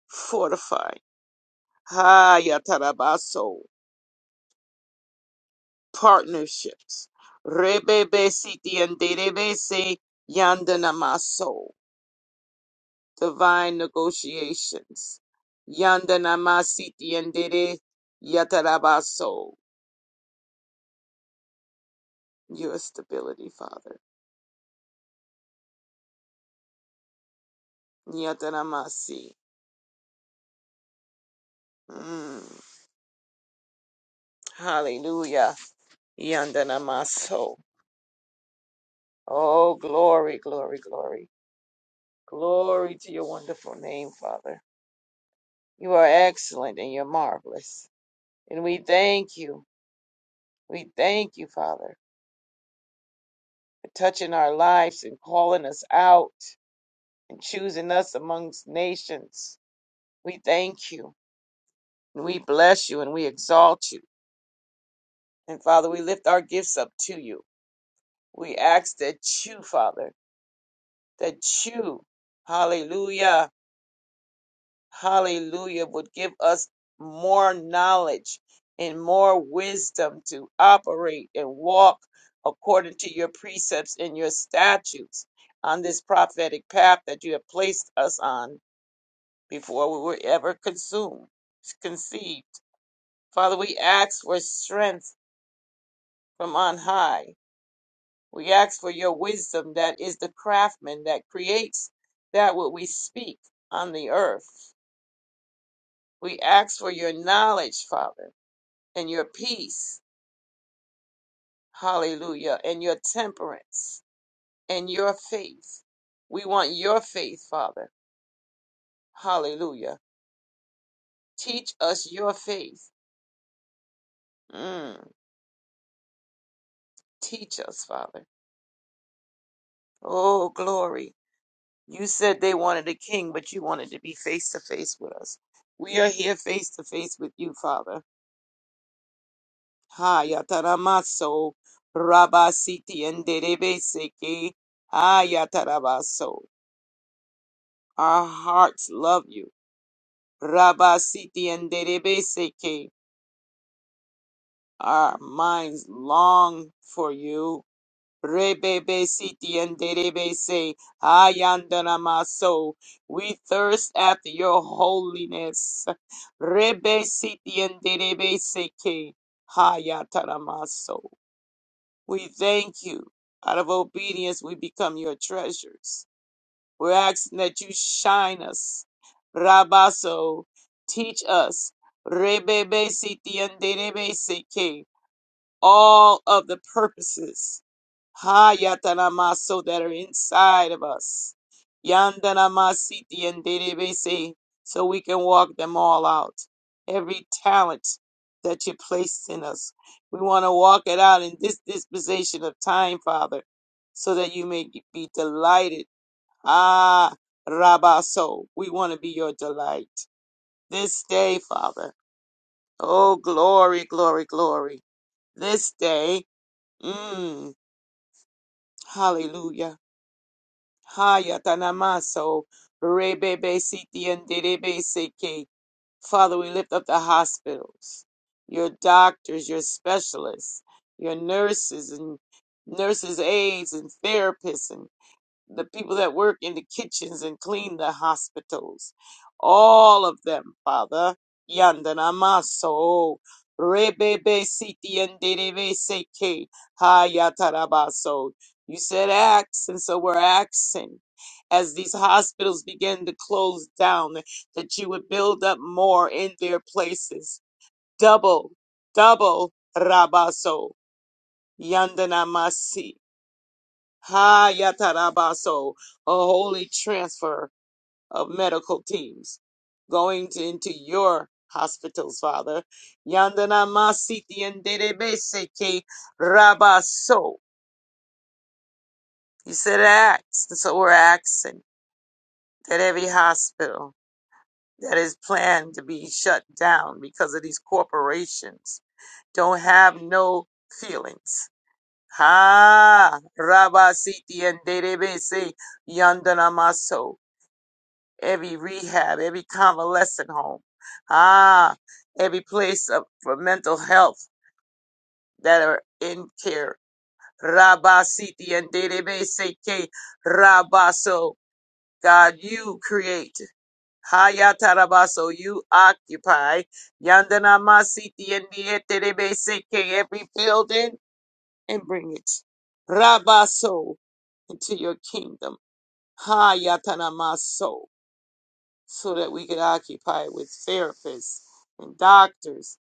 C: Fortify. Ha Yatarabaso Partnerships. Rebebe siti and derebese yandanamaso. Divine negotiations. Yandanamasiti and dere yatarabaso. Your stability, Father. Yatanamasi. Mm. Hallelujah. Yandanamaso. Oh, glory, glory, glory. Glory to your wonderful name, Father. You are excellent and you're marvelous. And we thank you. We thank you, Father, for touching our lives and calling us out and choosing us amongst nations. We thank you. And we bless you and we exalt you. And Father, we lift our gifts up to you. We ask that you, Father, that you, hallelujah, hallelujah, would give us more knowledge and more wisdom to operate and walk according to your precepts and your statutes on this prophetic path that you have placed us on before we were ever consumed, conceived. Father, we ask for strength from on high. We ask for your wisdom that is the craftsman that creates that what we speak on the earth. We ask for your knowledge, Father. and your peace, hallelujah, and your temperance and your faith. We want your faith, Father, hallelujah. Teach us your faith. Mm, teach us, Father. Oh, glory. You said they wanted a king, but you wanted to be face to face with us. We are here face to face with you, Father. Ha, yataramaso, rabasiti, and derebe Ha, yatarabaso. Our hearts love you. Rabasiti and Derebeseke, our minds long for you. Rebebesiti and Derebese, Ayandanamaso, we thirst after your holiness. Rebe Rebesiti and Derebeseke, Hayataramaso. We thank you. Out of obedience, we become your treasures. We're asking that you shine us. Rabaso, teach us. Rebebe sitiandebe seke. All of the purposes. Hayatanamaso that are inside of us. Yandanamasitiandebe se. So we can walk them all out. Every talent that you placed in us. We want to walk it out in this dispensation of time, Father, so that you may be delighted Ah, Rabaso, we want to be your delight this day, Father. Oh, glory, glory, glory. This day, mm, hallelujah. Hayatanamaso, rebebe siti and derebe seke. Father, we lift up the hospitals, your doctors, your specialists, your nurses and nurses' aides and therapists and the people that work in the kitchens and clean the hospitals, all of them, Father. Yandanamaso, Rebebe Siti and Derebe Seke, Hayatarabaso. You said axe, and so we're axing. As these hospitals begin to close down, that you would build up more in their places. Double, double, Rabaso, Yandanamasi. Ha Yatarabaso, a holy transfer of medical teams going to, into your hospitals, Father. Yandana Masiti and Derebeseke Rabaso. You said axe, and so we're axing that every hospital that is planned to be shut down because of these corporations don't have no feelings. Ha Rabasiti and Derebese Yandana Maso. every rehab, every convalescent home, ah, every place of, for mental health that are in care. Rabba Siti and Derebe Seke Rabaso. God, you create. Hayata rabaso, you occupy. Yandana Masiti and Dieterebe Seke, every building and bring it. Rabaso into your kingdom. Hayatana maso. so that we could occupy with therapists and doctors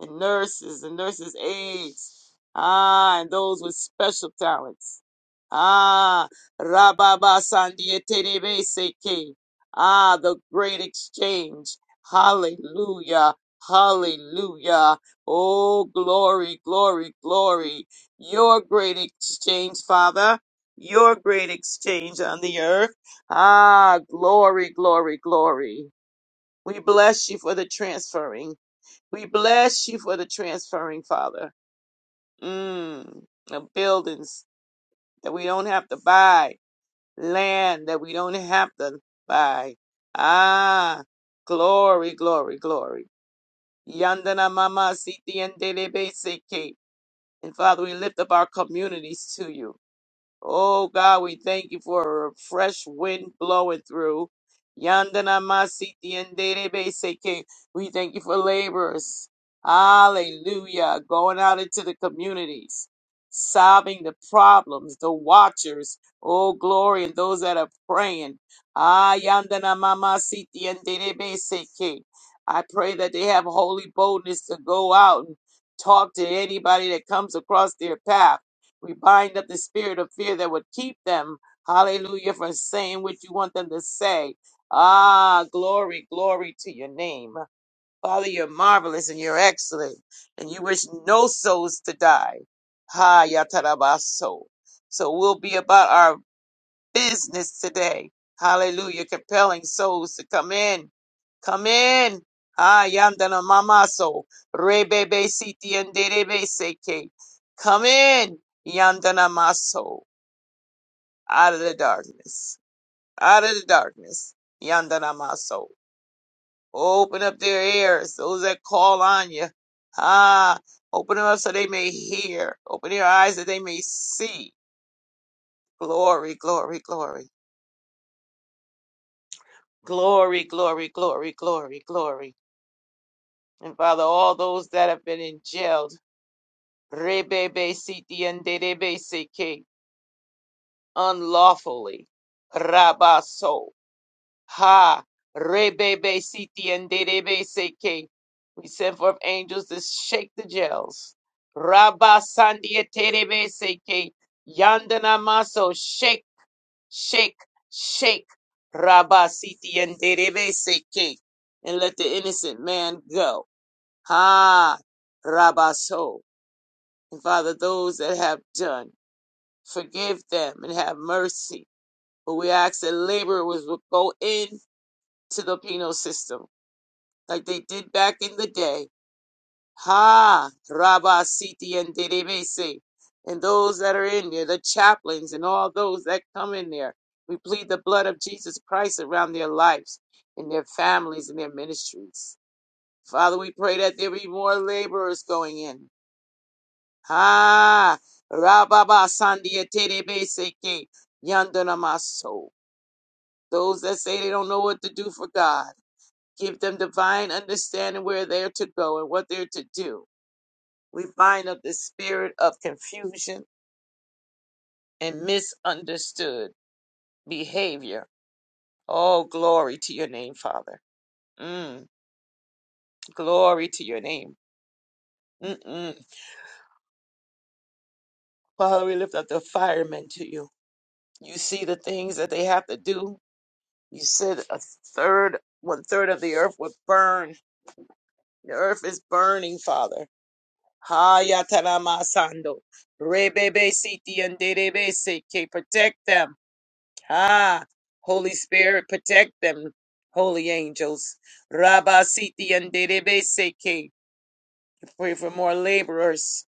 C: and nurses and nurses aides. Ah, and those with special talents. Ah, Rababa Sandietelebeseke. Ah, the great exchange. Hallelujah. Hallelujah. Oh, glory, glory, glory. Your great exchange, Father. Your great exchange on the earth Ah, glory, glory, glory. We bless you for the transferring. We bless you for the transferring, Father. Mm, the buildings that we don't have to buy, land that we don't have to buy. Ah, glory, glory, glory. Yandana mama siti and seke, And Father, we lift up our communities to you. Oh God, we thank you for a fresh wind blowing through. Yandana masiti and seke. We thank you for laborers. Hallelujah. Going out into the communities, solving the problems, the watchers. Oh glory, and those that are praying. Ah, yandana mama siti and seke. I pray that they have holy boldness to go out and talk to anybody that comes across their path. We bind up the spirit of fear that would keep them, hallelujah, from saying what you want them to say. Ah, glory, glory to your name. Father, you're marvelous and you're excellent, and you wish no souls to die. Ha, yatarabaso. So So we'll be about our business today. Hallelujah. Compelling souls to come in. Come in. Ah, yandana mamaso. Rebebe siti and derebe seke. Come in. Yandana maso. Out of the darkness. Out of the darkness. Yandana maso. Open up their ears. Those that call on you. Ah, open them up so they may hear. Open their eyes that they may see. Glory, glory, glory. Glory, glory, glory, glory, glory. And Father, all those that have been in jail, rebebe siti and derebe seke, unlawfully, rabaso, ha, rebebe siti and derebe seke. We send forth angels to shake the jails. Rabba sandia terebe seke, yandana maso, shake Shake, shake, Rabba Siti and Derebe Seke, and let the innocent man go. Ha, Rabba So. And Father, those that have done, forgive them and have mercy. But we ask that laborers would go into the penal system like they did back in the day Ha, Rabba Siti and Deribese, and those that are in there, the chaplains and all those that come in there. We plead the blood of Jesus Christ around their lives and their families and their ministries. Father, we pray that there be more laborers going in. Ha, Rabba Sandia Deribese, Yandana Maso. Those that say they don't know what to do for God, give them divine understanding where they're to go and what they're to do. We bind up the spirit of confusion and misunderstood behavior. Oh, glory to your name, Father. Mm, glory to your name. Mm-mm. Father, we lift up the firemen to you. You see the things that they have to do. You said a third, one third of the earth would burn. The earth is burning, Father. Hayatarama Sando. Rebebe Siti and Derebese. Protect them. Ah, Holy Spirit, protect them, holy angels. Rabba Siti and Derebe Seke. Pray for more laborers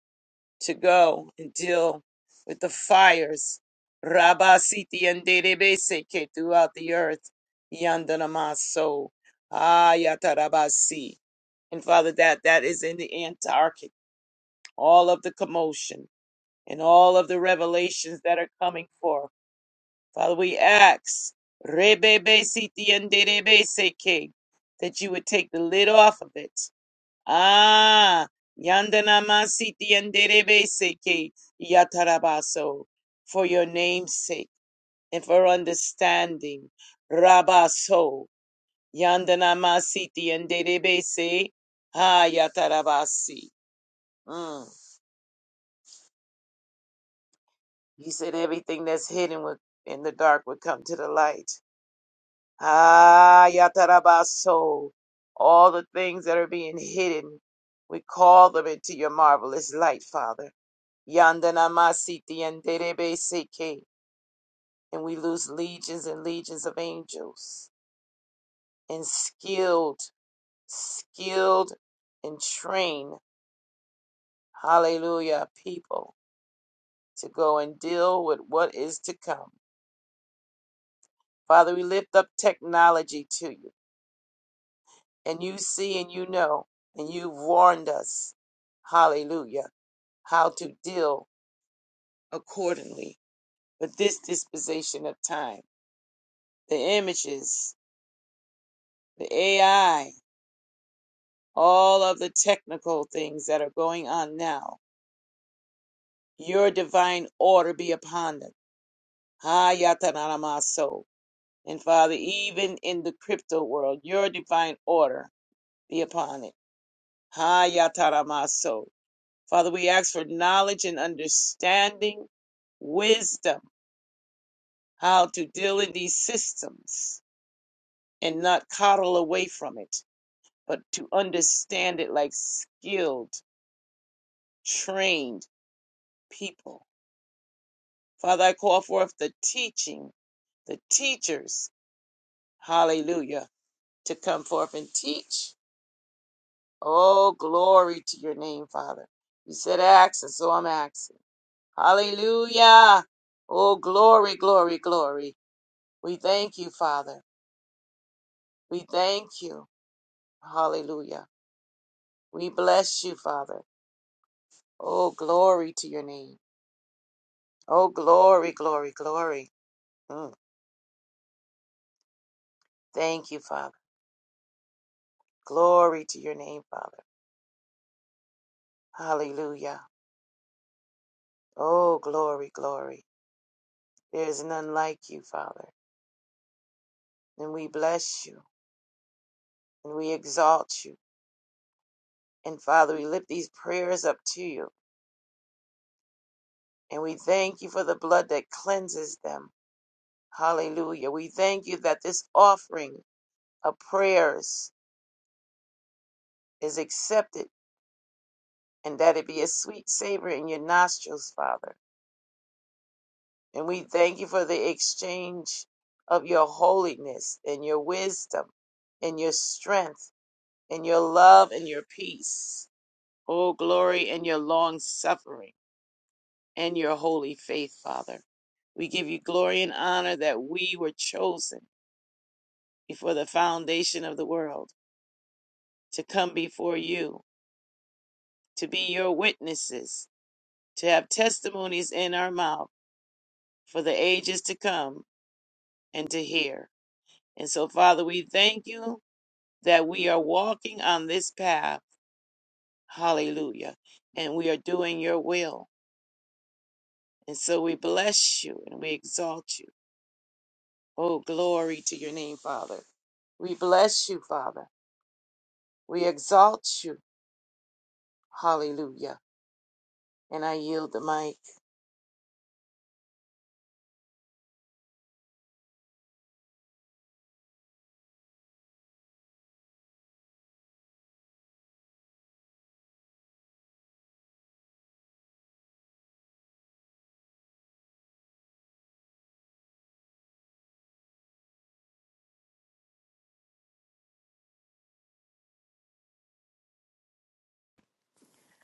C: to go and deal with the fires. Rabba Siti and Derebe Seke throughout the earth. Yandanamaso. Ah, Yatarabasi. And Father, that that is in the Antarctic. All of the commotion and all of the revelations that are coming forth. Father, we ask Rebebe Siti and Derebe Seke that you would take the lid off of it. Ah, Yandanama Siti and Derebe Seke Yatarabaso for your name's sake and for understanding. Rabaso Yandanama Siti and Derebe Se Ha Yatarabasi. Mm. He said everything that's hidden with- in the dark would come to the light. Ah, Yatarabaso, all the things that are being hidden, we call them into your marvelous light, Father. Yandanamasiti and Derebeseke, and we lose legions and legions of angels and skilled, skilled and trained, hallelujah, people to go and deal with what is to come. Father, we lift up technology to you. and you see and you know, and you've warned us, hallelujah, how to deal accordingly with this disposition of time. The images, the AI, all of the technical things that are going on now, your divine order be upon them. Ha Hayatanaramaso. And Father, even in the crypto world, your divine order be upon it. Ha Hayataramaso Father, we ask for knowledge and understanding, wisdom, how to deal in these systems and not coddle away from it, but to understand it like skilled, trained people. Father, I call forth the teaching, the teachers, hallelujah, to come forth and teach. Oh, glory to your name, Father. You said ask, and so I'm asking. Hallelujah. Oh, glory, glory, glory. We thank you, Father. We thank you. Hallelujah. We bless you, Father. Oh, glory to your name. Oh, glory, glory, glory. Mm. Thank you, Father. Glory to your name, Father. Hallelujah. Oh, glory, glory. There is none like you, Father. And we bless you and we exalt you. And Father, we lift these prayers up to you. And we thank you for the blood that cleanses them. Hallelujah. We thank you that this offering of prayers is accepted, and that it be a sweet savor in your nostrils, Father. And we thank you for the exchange of your holiness and your wisdom and your strength and your love and your peace. Oh, glory and your long suffering and your holy faith, Father. We give you glory and honor that we were chosen before the foundation of the world to come before you, to be your witnesses, to have testimonies in our mouths for the ages to come and to hear. And so, Father, we thank you that we are walking on this path. Hallelujah. And we are doing your will. And so we bless you and we exalt you. Oh, glory to your name, Father. We bless you, Father. We exalt you. Hallelujah. And I yield the mic.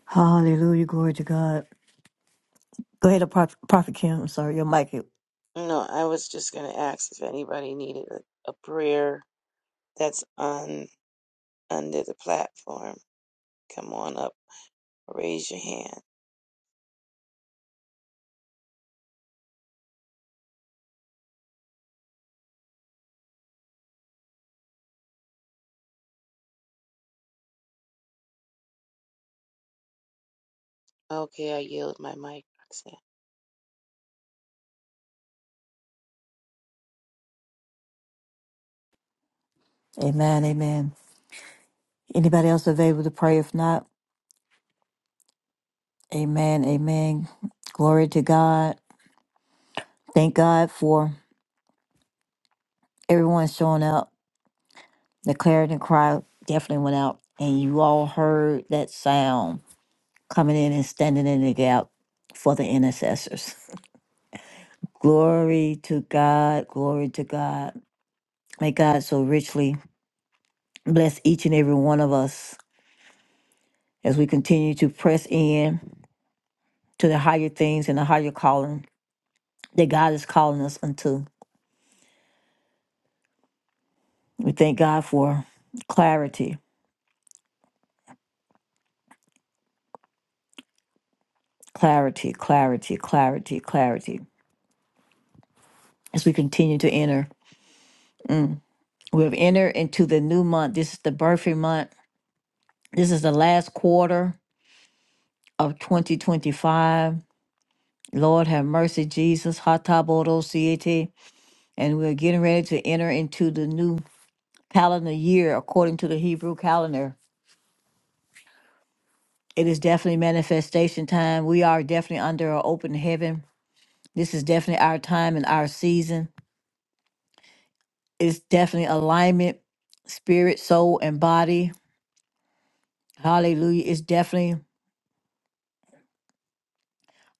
A: Hallelujah, glory to God. Go ahead, Prophet, Prophet Kim. I'm sorry, your mic. is-
C: No, I was just going to ask if anybody needed a, a prayer that's on under the platform. Come on up, raise your hand. Okay, I yield my mic, Roxanne.
A: Amen, amen. Anybody else available to pray? If not, amen, amen. Glory to God. Thank God for everyone showing up. The clarion cry definitely went out, and you all heard that sound coming in and standing in the gap for the intercessors. Glory to God. Glory to God. May God so richly bless each and every one of us as we continue to press in to the higher things and the higher calling that God is calling us unto. We thank God for clarity, clarity, clarity, clarity, clarity as we continue to enter. We've entered into the new month. This is the birthing month. This is the last quarter of 2025. Lord have mercy, Jesus. Hatabodo siete. And we're getting ready to enter into the new calendar year according to the Hebrew calendar. It is definitely manifestation time. We are definitely under an open heaven. This is definitely our time and our season. It's definitely alignment, spirit, soul, and body. Hallelujah. It's definitely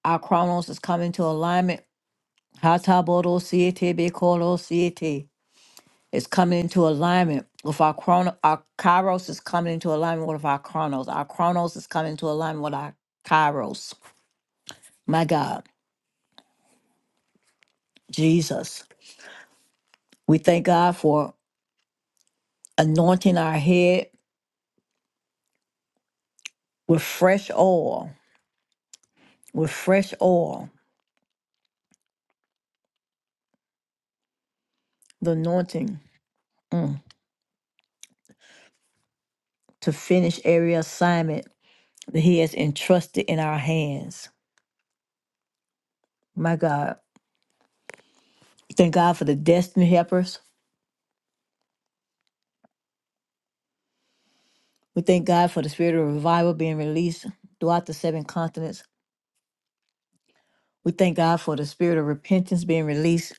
A: our chronos is coming to alignment Hataboro siete bekoro siete is coming into alignment with our chrono. Our kairos is coming into alignment with our chronos. Our chronos is coming into alignment with our kairos. My God, Jesus, we thank God for anointing our head with fresh oil, with fresh oil, the anointing mm, to finish every assignment that He has entrusted in our hands. My God, thank God for the destiny helpers We thank God for the spirit of revival being released throughout the seven continents. We thank God for the spirit of repentance being released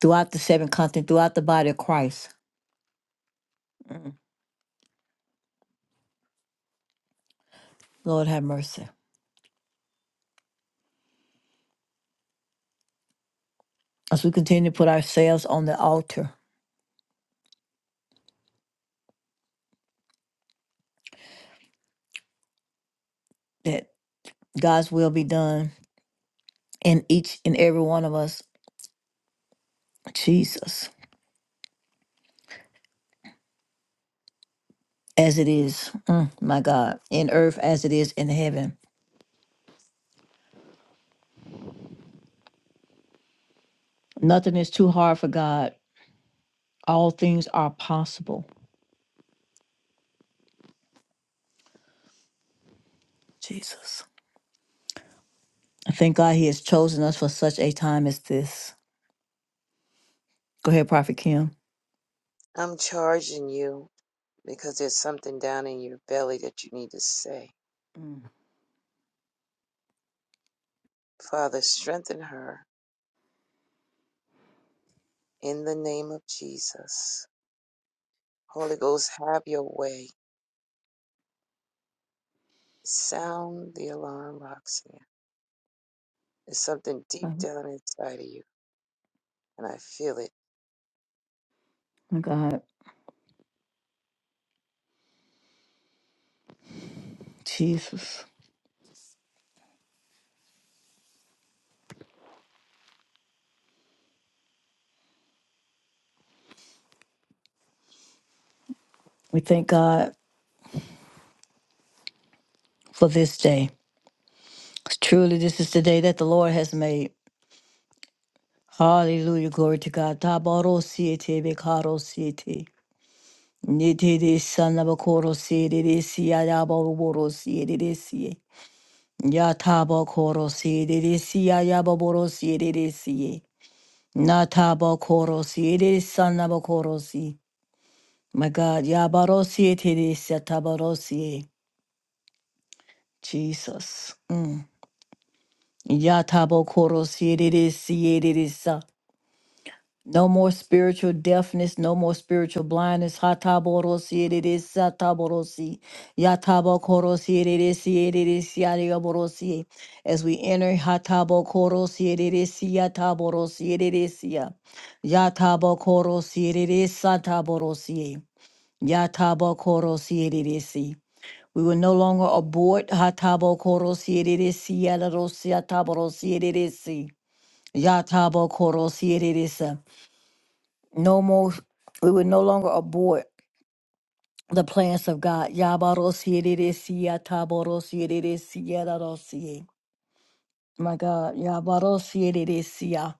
A: throughout the seven continents, throughout the body of Christ. Mm. Lord have mercy. As we continue to put ourselves on the altar, that God's will be done in each and every one of us, Jesus, as it is, mm, my God, in earth as it is in heaven. Nothing is too hard for God. All things are possible, Jesus. I thank God He has chosen us for such a time as this. Go ahead, Prophet Kim.
C: I'm charging you because there's something down in your belly that you need to say.
A: Mm.
C: Father, strengthen her in the name of Jesus. Holy Ghost, have your way. Sound the alarm, Roxanne. There's something deep
A: Oh
C: down inside of you, and I feel it.
A: my God, Jesus. We thank God for this day. Truly, this is the day that the Lord has made. Hallelujah. Glory to God. Tabaro siete bekaro siete. Nite de sanabakoro siete de siya yaboro siete de siye. Ya tabakoro siete de siya yaboro siete de siye. Na tabakoro siete de sanabakoro siye. My God, Yabarosie Teresia Tabarosie, Jesus. Mm. Yatabokorosie Teresie Teresa. No more spiritual deafness, no more spiritual blindness. Hataborosie Teresa Taborosi. Yatabokorosie Teresie Teresia Teresia Taborosie. As we enter Hatabokorosie Teresia Taborosie Teresia. Yatabokorosie Teresa Taborosie. Yatabokorosie Teresia. We will no longer abort. board. Hatabo koro sierisi, yadarosi, ataboro sierisi, yatabo koro sierisi. No more, we will no longer abort The plans of God. Yabaro sierisi, yataboro sierisi, yadarosi. My God, yabaro sierisi.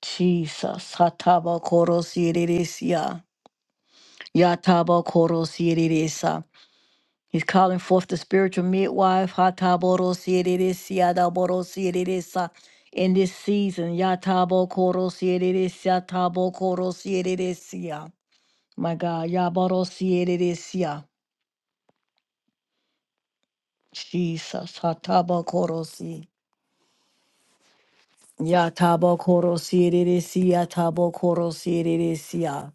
A: Jesus, hatabo koro sierisi, yatabo koro sierisi. He's calling forth the spiritual midwife, Hataborosiedisiadaborosiedisa, in this season. Yatabokorosidisia, Tabokorosiedisia. My God, Yaborosiedisia. Jesus, Hatabokorosi. Yatabokorosiedisia, Tabokorosiedisia.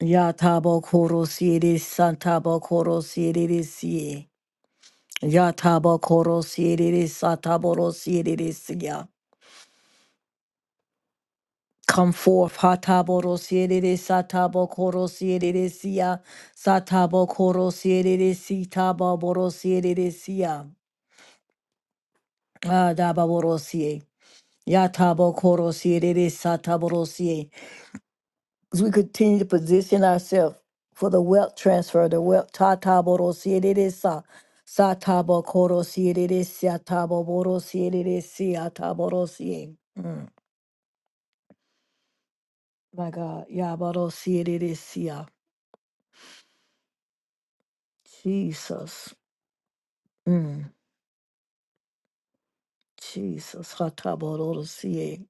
A: Yatabokorosidisa, Tabokorosiedisia. Yatabokorosidisa, Taborosiedisia. Come forth, Hataboro Satabo Koro Sieresia, Satabo Koro Sieresi, Tabo Boro Sieresia, Adaba Borosie, Yatabo Koro Sieresa Taborosie. As we continue to position ourselves for the wealth transfer, the wealth Tataboro Sieresa, Satabo Koro Sieresia, Tabo Boro Sieresia, Taborosie. Mm, My God, Yaboro Sieresia. Jesus. Mm, Jesus, Hatabodosie.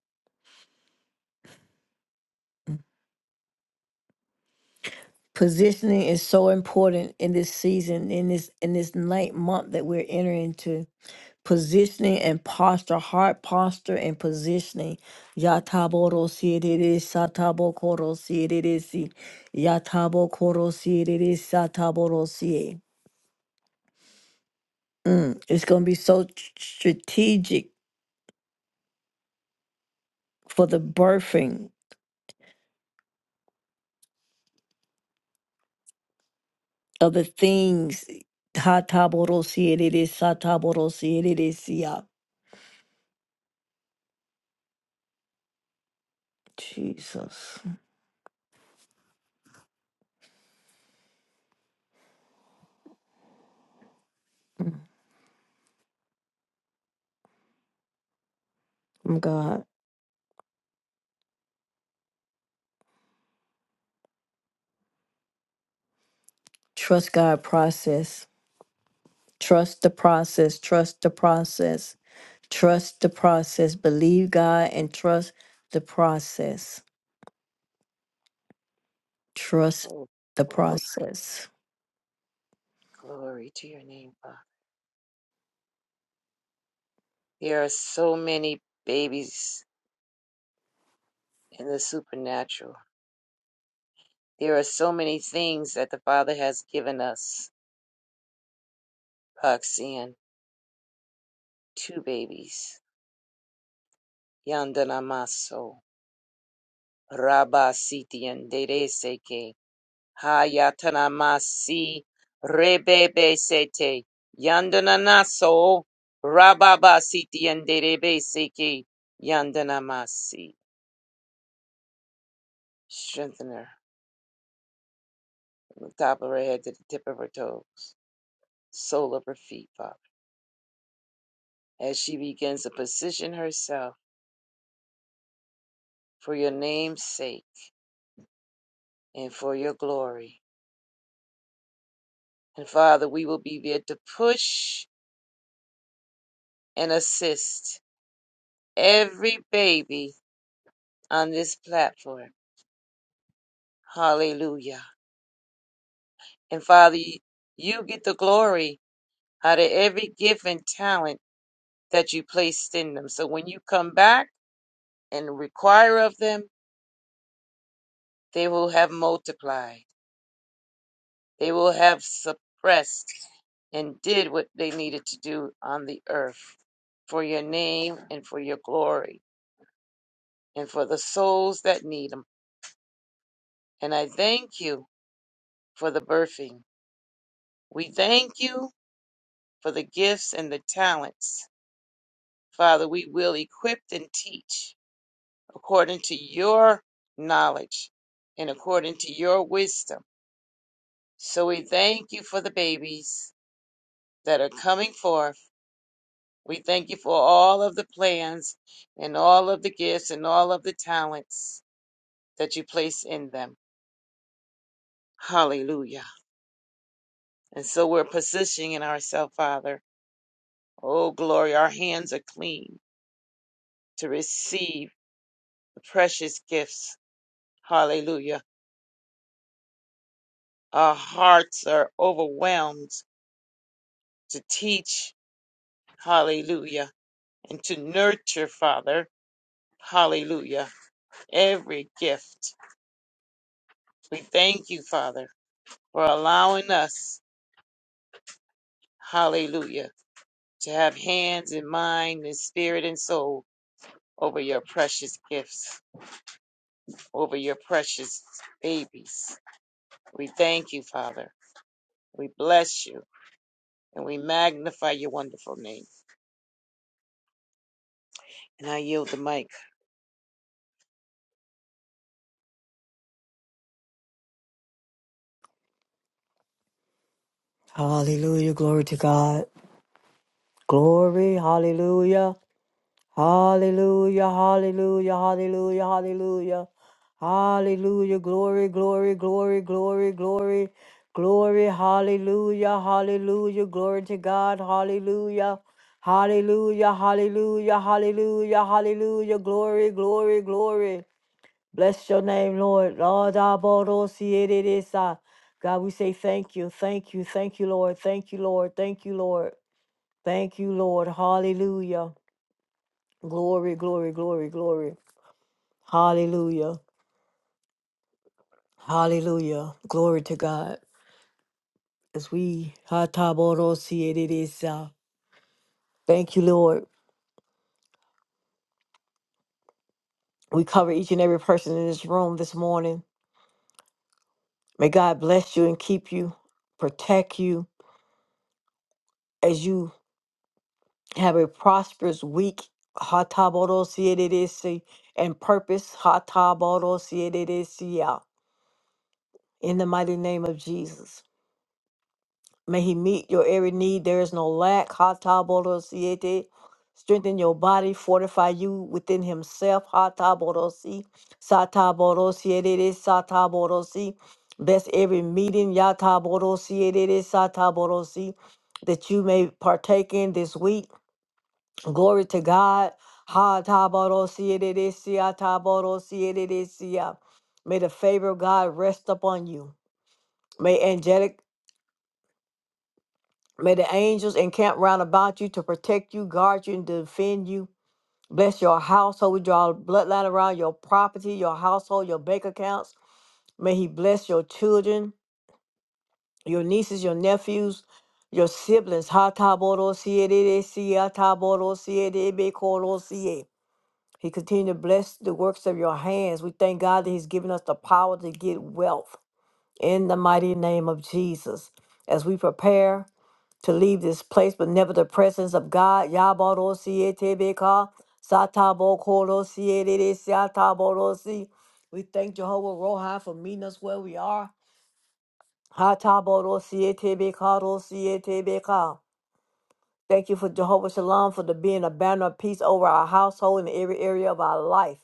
A: Positioning is so important in this season, in this in this night month that we're entering into. Positioning and posture, heart posture and positioning. Yatabodosie, it is Satabokorosie, it is Yatabokorosie, it is Sataborosie. Mm, It's going to be so tr- strategic for the birthing other things. Hataborosierere, sataborosierere, sia. Jesus. Mm, God. Trust God process. Trust the process. Trust the process. Trust the process. Believe God and trust the process. Trust
C: Oh,
A: the
C: glory,
A: process.
C: glory to your name, Father. There are so many babies in the supernatural. There are so many things that the Father has given us, Roxanne. two babies. Yandanamaso, Rabba Sitian Dere Seke, Hayatanamasi, Rebebe Sete, Yandananaso, Rababa Sitian Derebe Seke, Yandanamasi. Strengthen her from the top of her head to the tip of her toes, sole of her feet, Father, as she begins to position herself for your name's sake and for your glory. And Father, we will be there to push and assist every baby on this platform. Hallelujah. And Father, you you get the glory out of every gift and talent that you placed in them. So when you come back and require of them, they will have multiplied, they will have suppressed and did what they needed to do on the earth for your name and for your glory and for the souls that need them. And I thank you for the birthing. We thank you for the gifts and the talents. Father, we will equip and teach according to your knowledge and according to your wisdom. So we thank you for the babies that are coming forth. We thank you for all of the plans and all of the gifts and all of the talents that you place in them. Hallelujah. And so we're positioning ourselves, Father. Oh, glory. Our hands are clean to receive the precious gifts Hallelujah. Our hearts are overwhelmed to teach. Hallelujah. And to nurture, Father. Hallelujah. Every gift. We thank you, Father, for allowing us. Hallelujah. To have hands and mind and spirit and soul over your precious gifts, over your precious babies. We thank you, Father. We bless you and we magnify your wonderful name. And I yield the mic.
A: Hallelujah. Glory to God. Glory. Hallelujah. Hallelujah, hallelujah, hallelujah, hallelujah. Hallelujah, glory, glory, glory, glory, glory, glory, hallelujah, hallelujah, glory to God, hallelujah. Hallelujah, hallelujah, hallelujah, hallelujah, glory, glory, glory. Bless your name, Lord. Lord, Abodo Sierra. God, we say thank you, thank you, thank you, Lord, thank you, Lord, thank you, Lord, thank you, Lord, hallelujah. Glory, glory, glory, glory. Hallelujah. Hallelujah. Glory to God. As we Hataborosiereresa. thank you, Lord. We cover each and every person in this room this morning. May God bless you and keep you, protect you as you have a prosperous week. Hataborosiereresa, And purpose. Hataborosiereresa. In the mighty name of Jesus. May he meet your every need. There is no lack. Hata bodo Strengthen your body, fortify you within himself. Hata bodo si. Sata bodo siete sata bodo si. Bless every meeting. Yata bodo siete sata bodo si. That you may partake in this week. Glory to God. Hata bodo siete de siata bodo siete sia. May the favor of God rest upon you. May angelic May the angels encamp round about you to protect you, guard you, and defend you. Bless your household. We draw a bloodline around your property, your household, your bank accounts. May he bless your children, your nieces, your nephews, your siblings. Ha ta bo ro si e de de si ya ta bo ro si e de be ko ro si e. He continue to bless the works of your hands. We thank God that he's given us the power to get wealth in the mighty name of Jesus. As we prepare to leave this place, but never the presence of God. Yabarosietebeka, satabokorosiedesiataborosi. We thank Jehovah Rohi for meeting us where we are. Hataborosietebeka, rosietebeka. Thank you for Jehovah Shalom for the being a banner of peace over our household in every area of our life.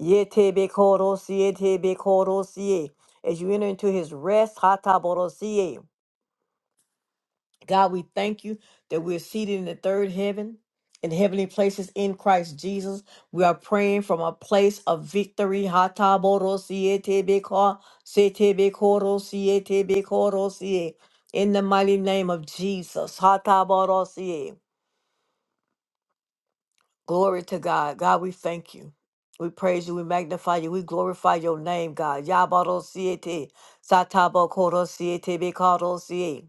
A: Yetebekorosietebekorosier. As you enter into his rest, hataborosie. God, we thank you that we're seated in the third heaven, in heavenly places in Christ Jesus. We are praying from a place of victory. Hataborosietebeko, setebekorosietebekorosie. In the mighty name of Jesus. Hataborosie. Glory to God. God, we thank you. We praise you. We magnify you. We glorify your name, God. Yabarosiete, satabokorosietebekorosie.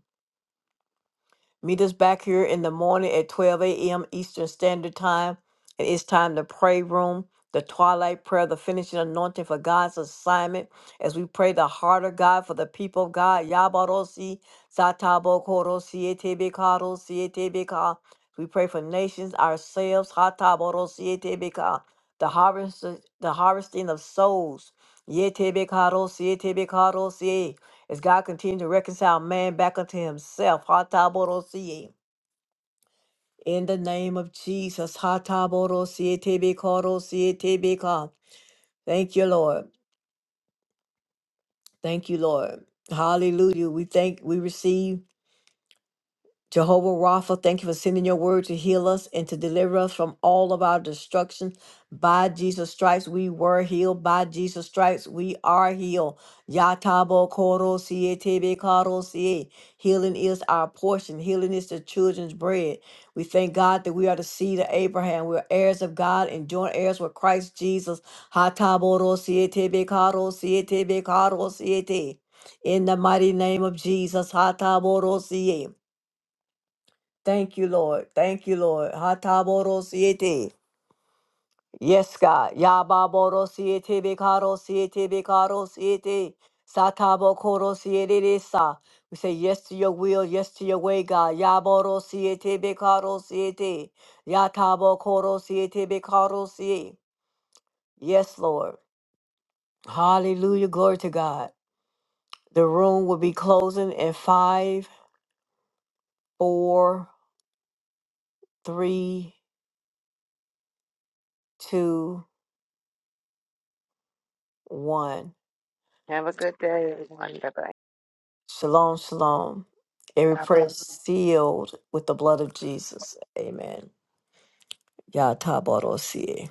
A: Meet us back here in the morning at 12 a.m. Eastern Standard Time. And it's time to pray room, the twilight prayer, the finishing anointing for God's assignment. As we pray the heart of God for the people of God. Yabarosi, Satabo Koro, Siete Karo, Siete Ka. We pray for nations, ourselves, Hataboro, Siete Ka. The harvest, the harvesting of souls. Yete Karo, Siete Karo, as God continues to reconcile man back unto himself, Hatabodosie. In the name of Jesus, Hatabodosie tebekorosie tebeka. Thank you, Lord. Thank you, Lord. Hallelujah. We thank, we receive Jehovah Rapha, thank you for sending your word to heal us and to deliver us from all of our destruction. By Jesus stripes we were healed. By Jesus stripes we are healed. Yatabo koro siye tebe karo siye. Healing is our portion. Healing is the children's bread. We thank God that we are the seed of Abraham. We are heirs of God and joint heirs with Christ Jesus. Hatabo ro siye tebe karo siye tebe karo siye te. In the mighty name of Jesus, Hataboro siye. Thank you, Lord. Thank you, Lord. Hataborosiete. Yes, God. Yababorosiete bekarosiete bekarosiete. Satabokorosiete sa. We say yes to your will, yes to your way, God. Yaborosiete bekarosiete. Yatabokorosiete bekarosiete. Yes, Lord. Hallelujah. Glory to God. The room will be closing in five, four, three, two, one.
C: Have a good day, everyone. Bye-bye.
A: Shalom, shalom. Every
E: God
A: prayer is sealed with the blood of Jesus. Amen. Yah Yatabarosie.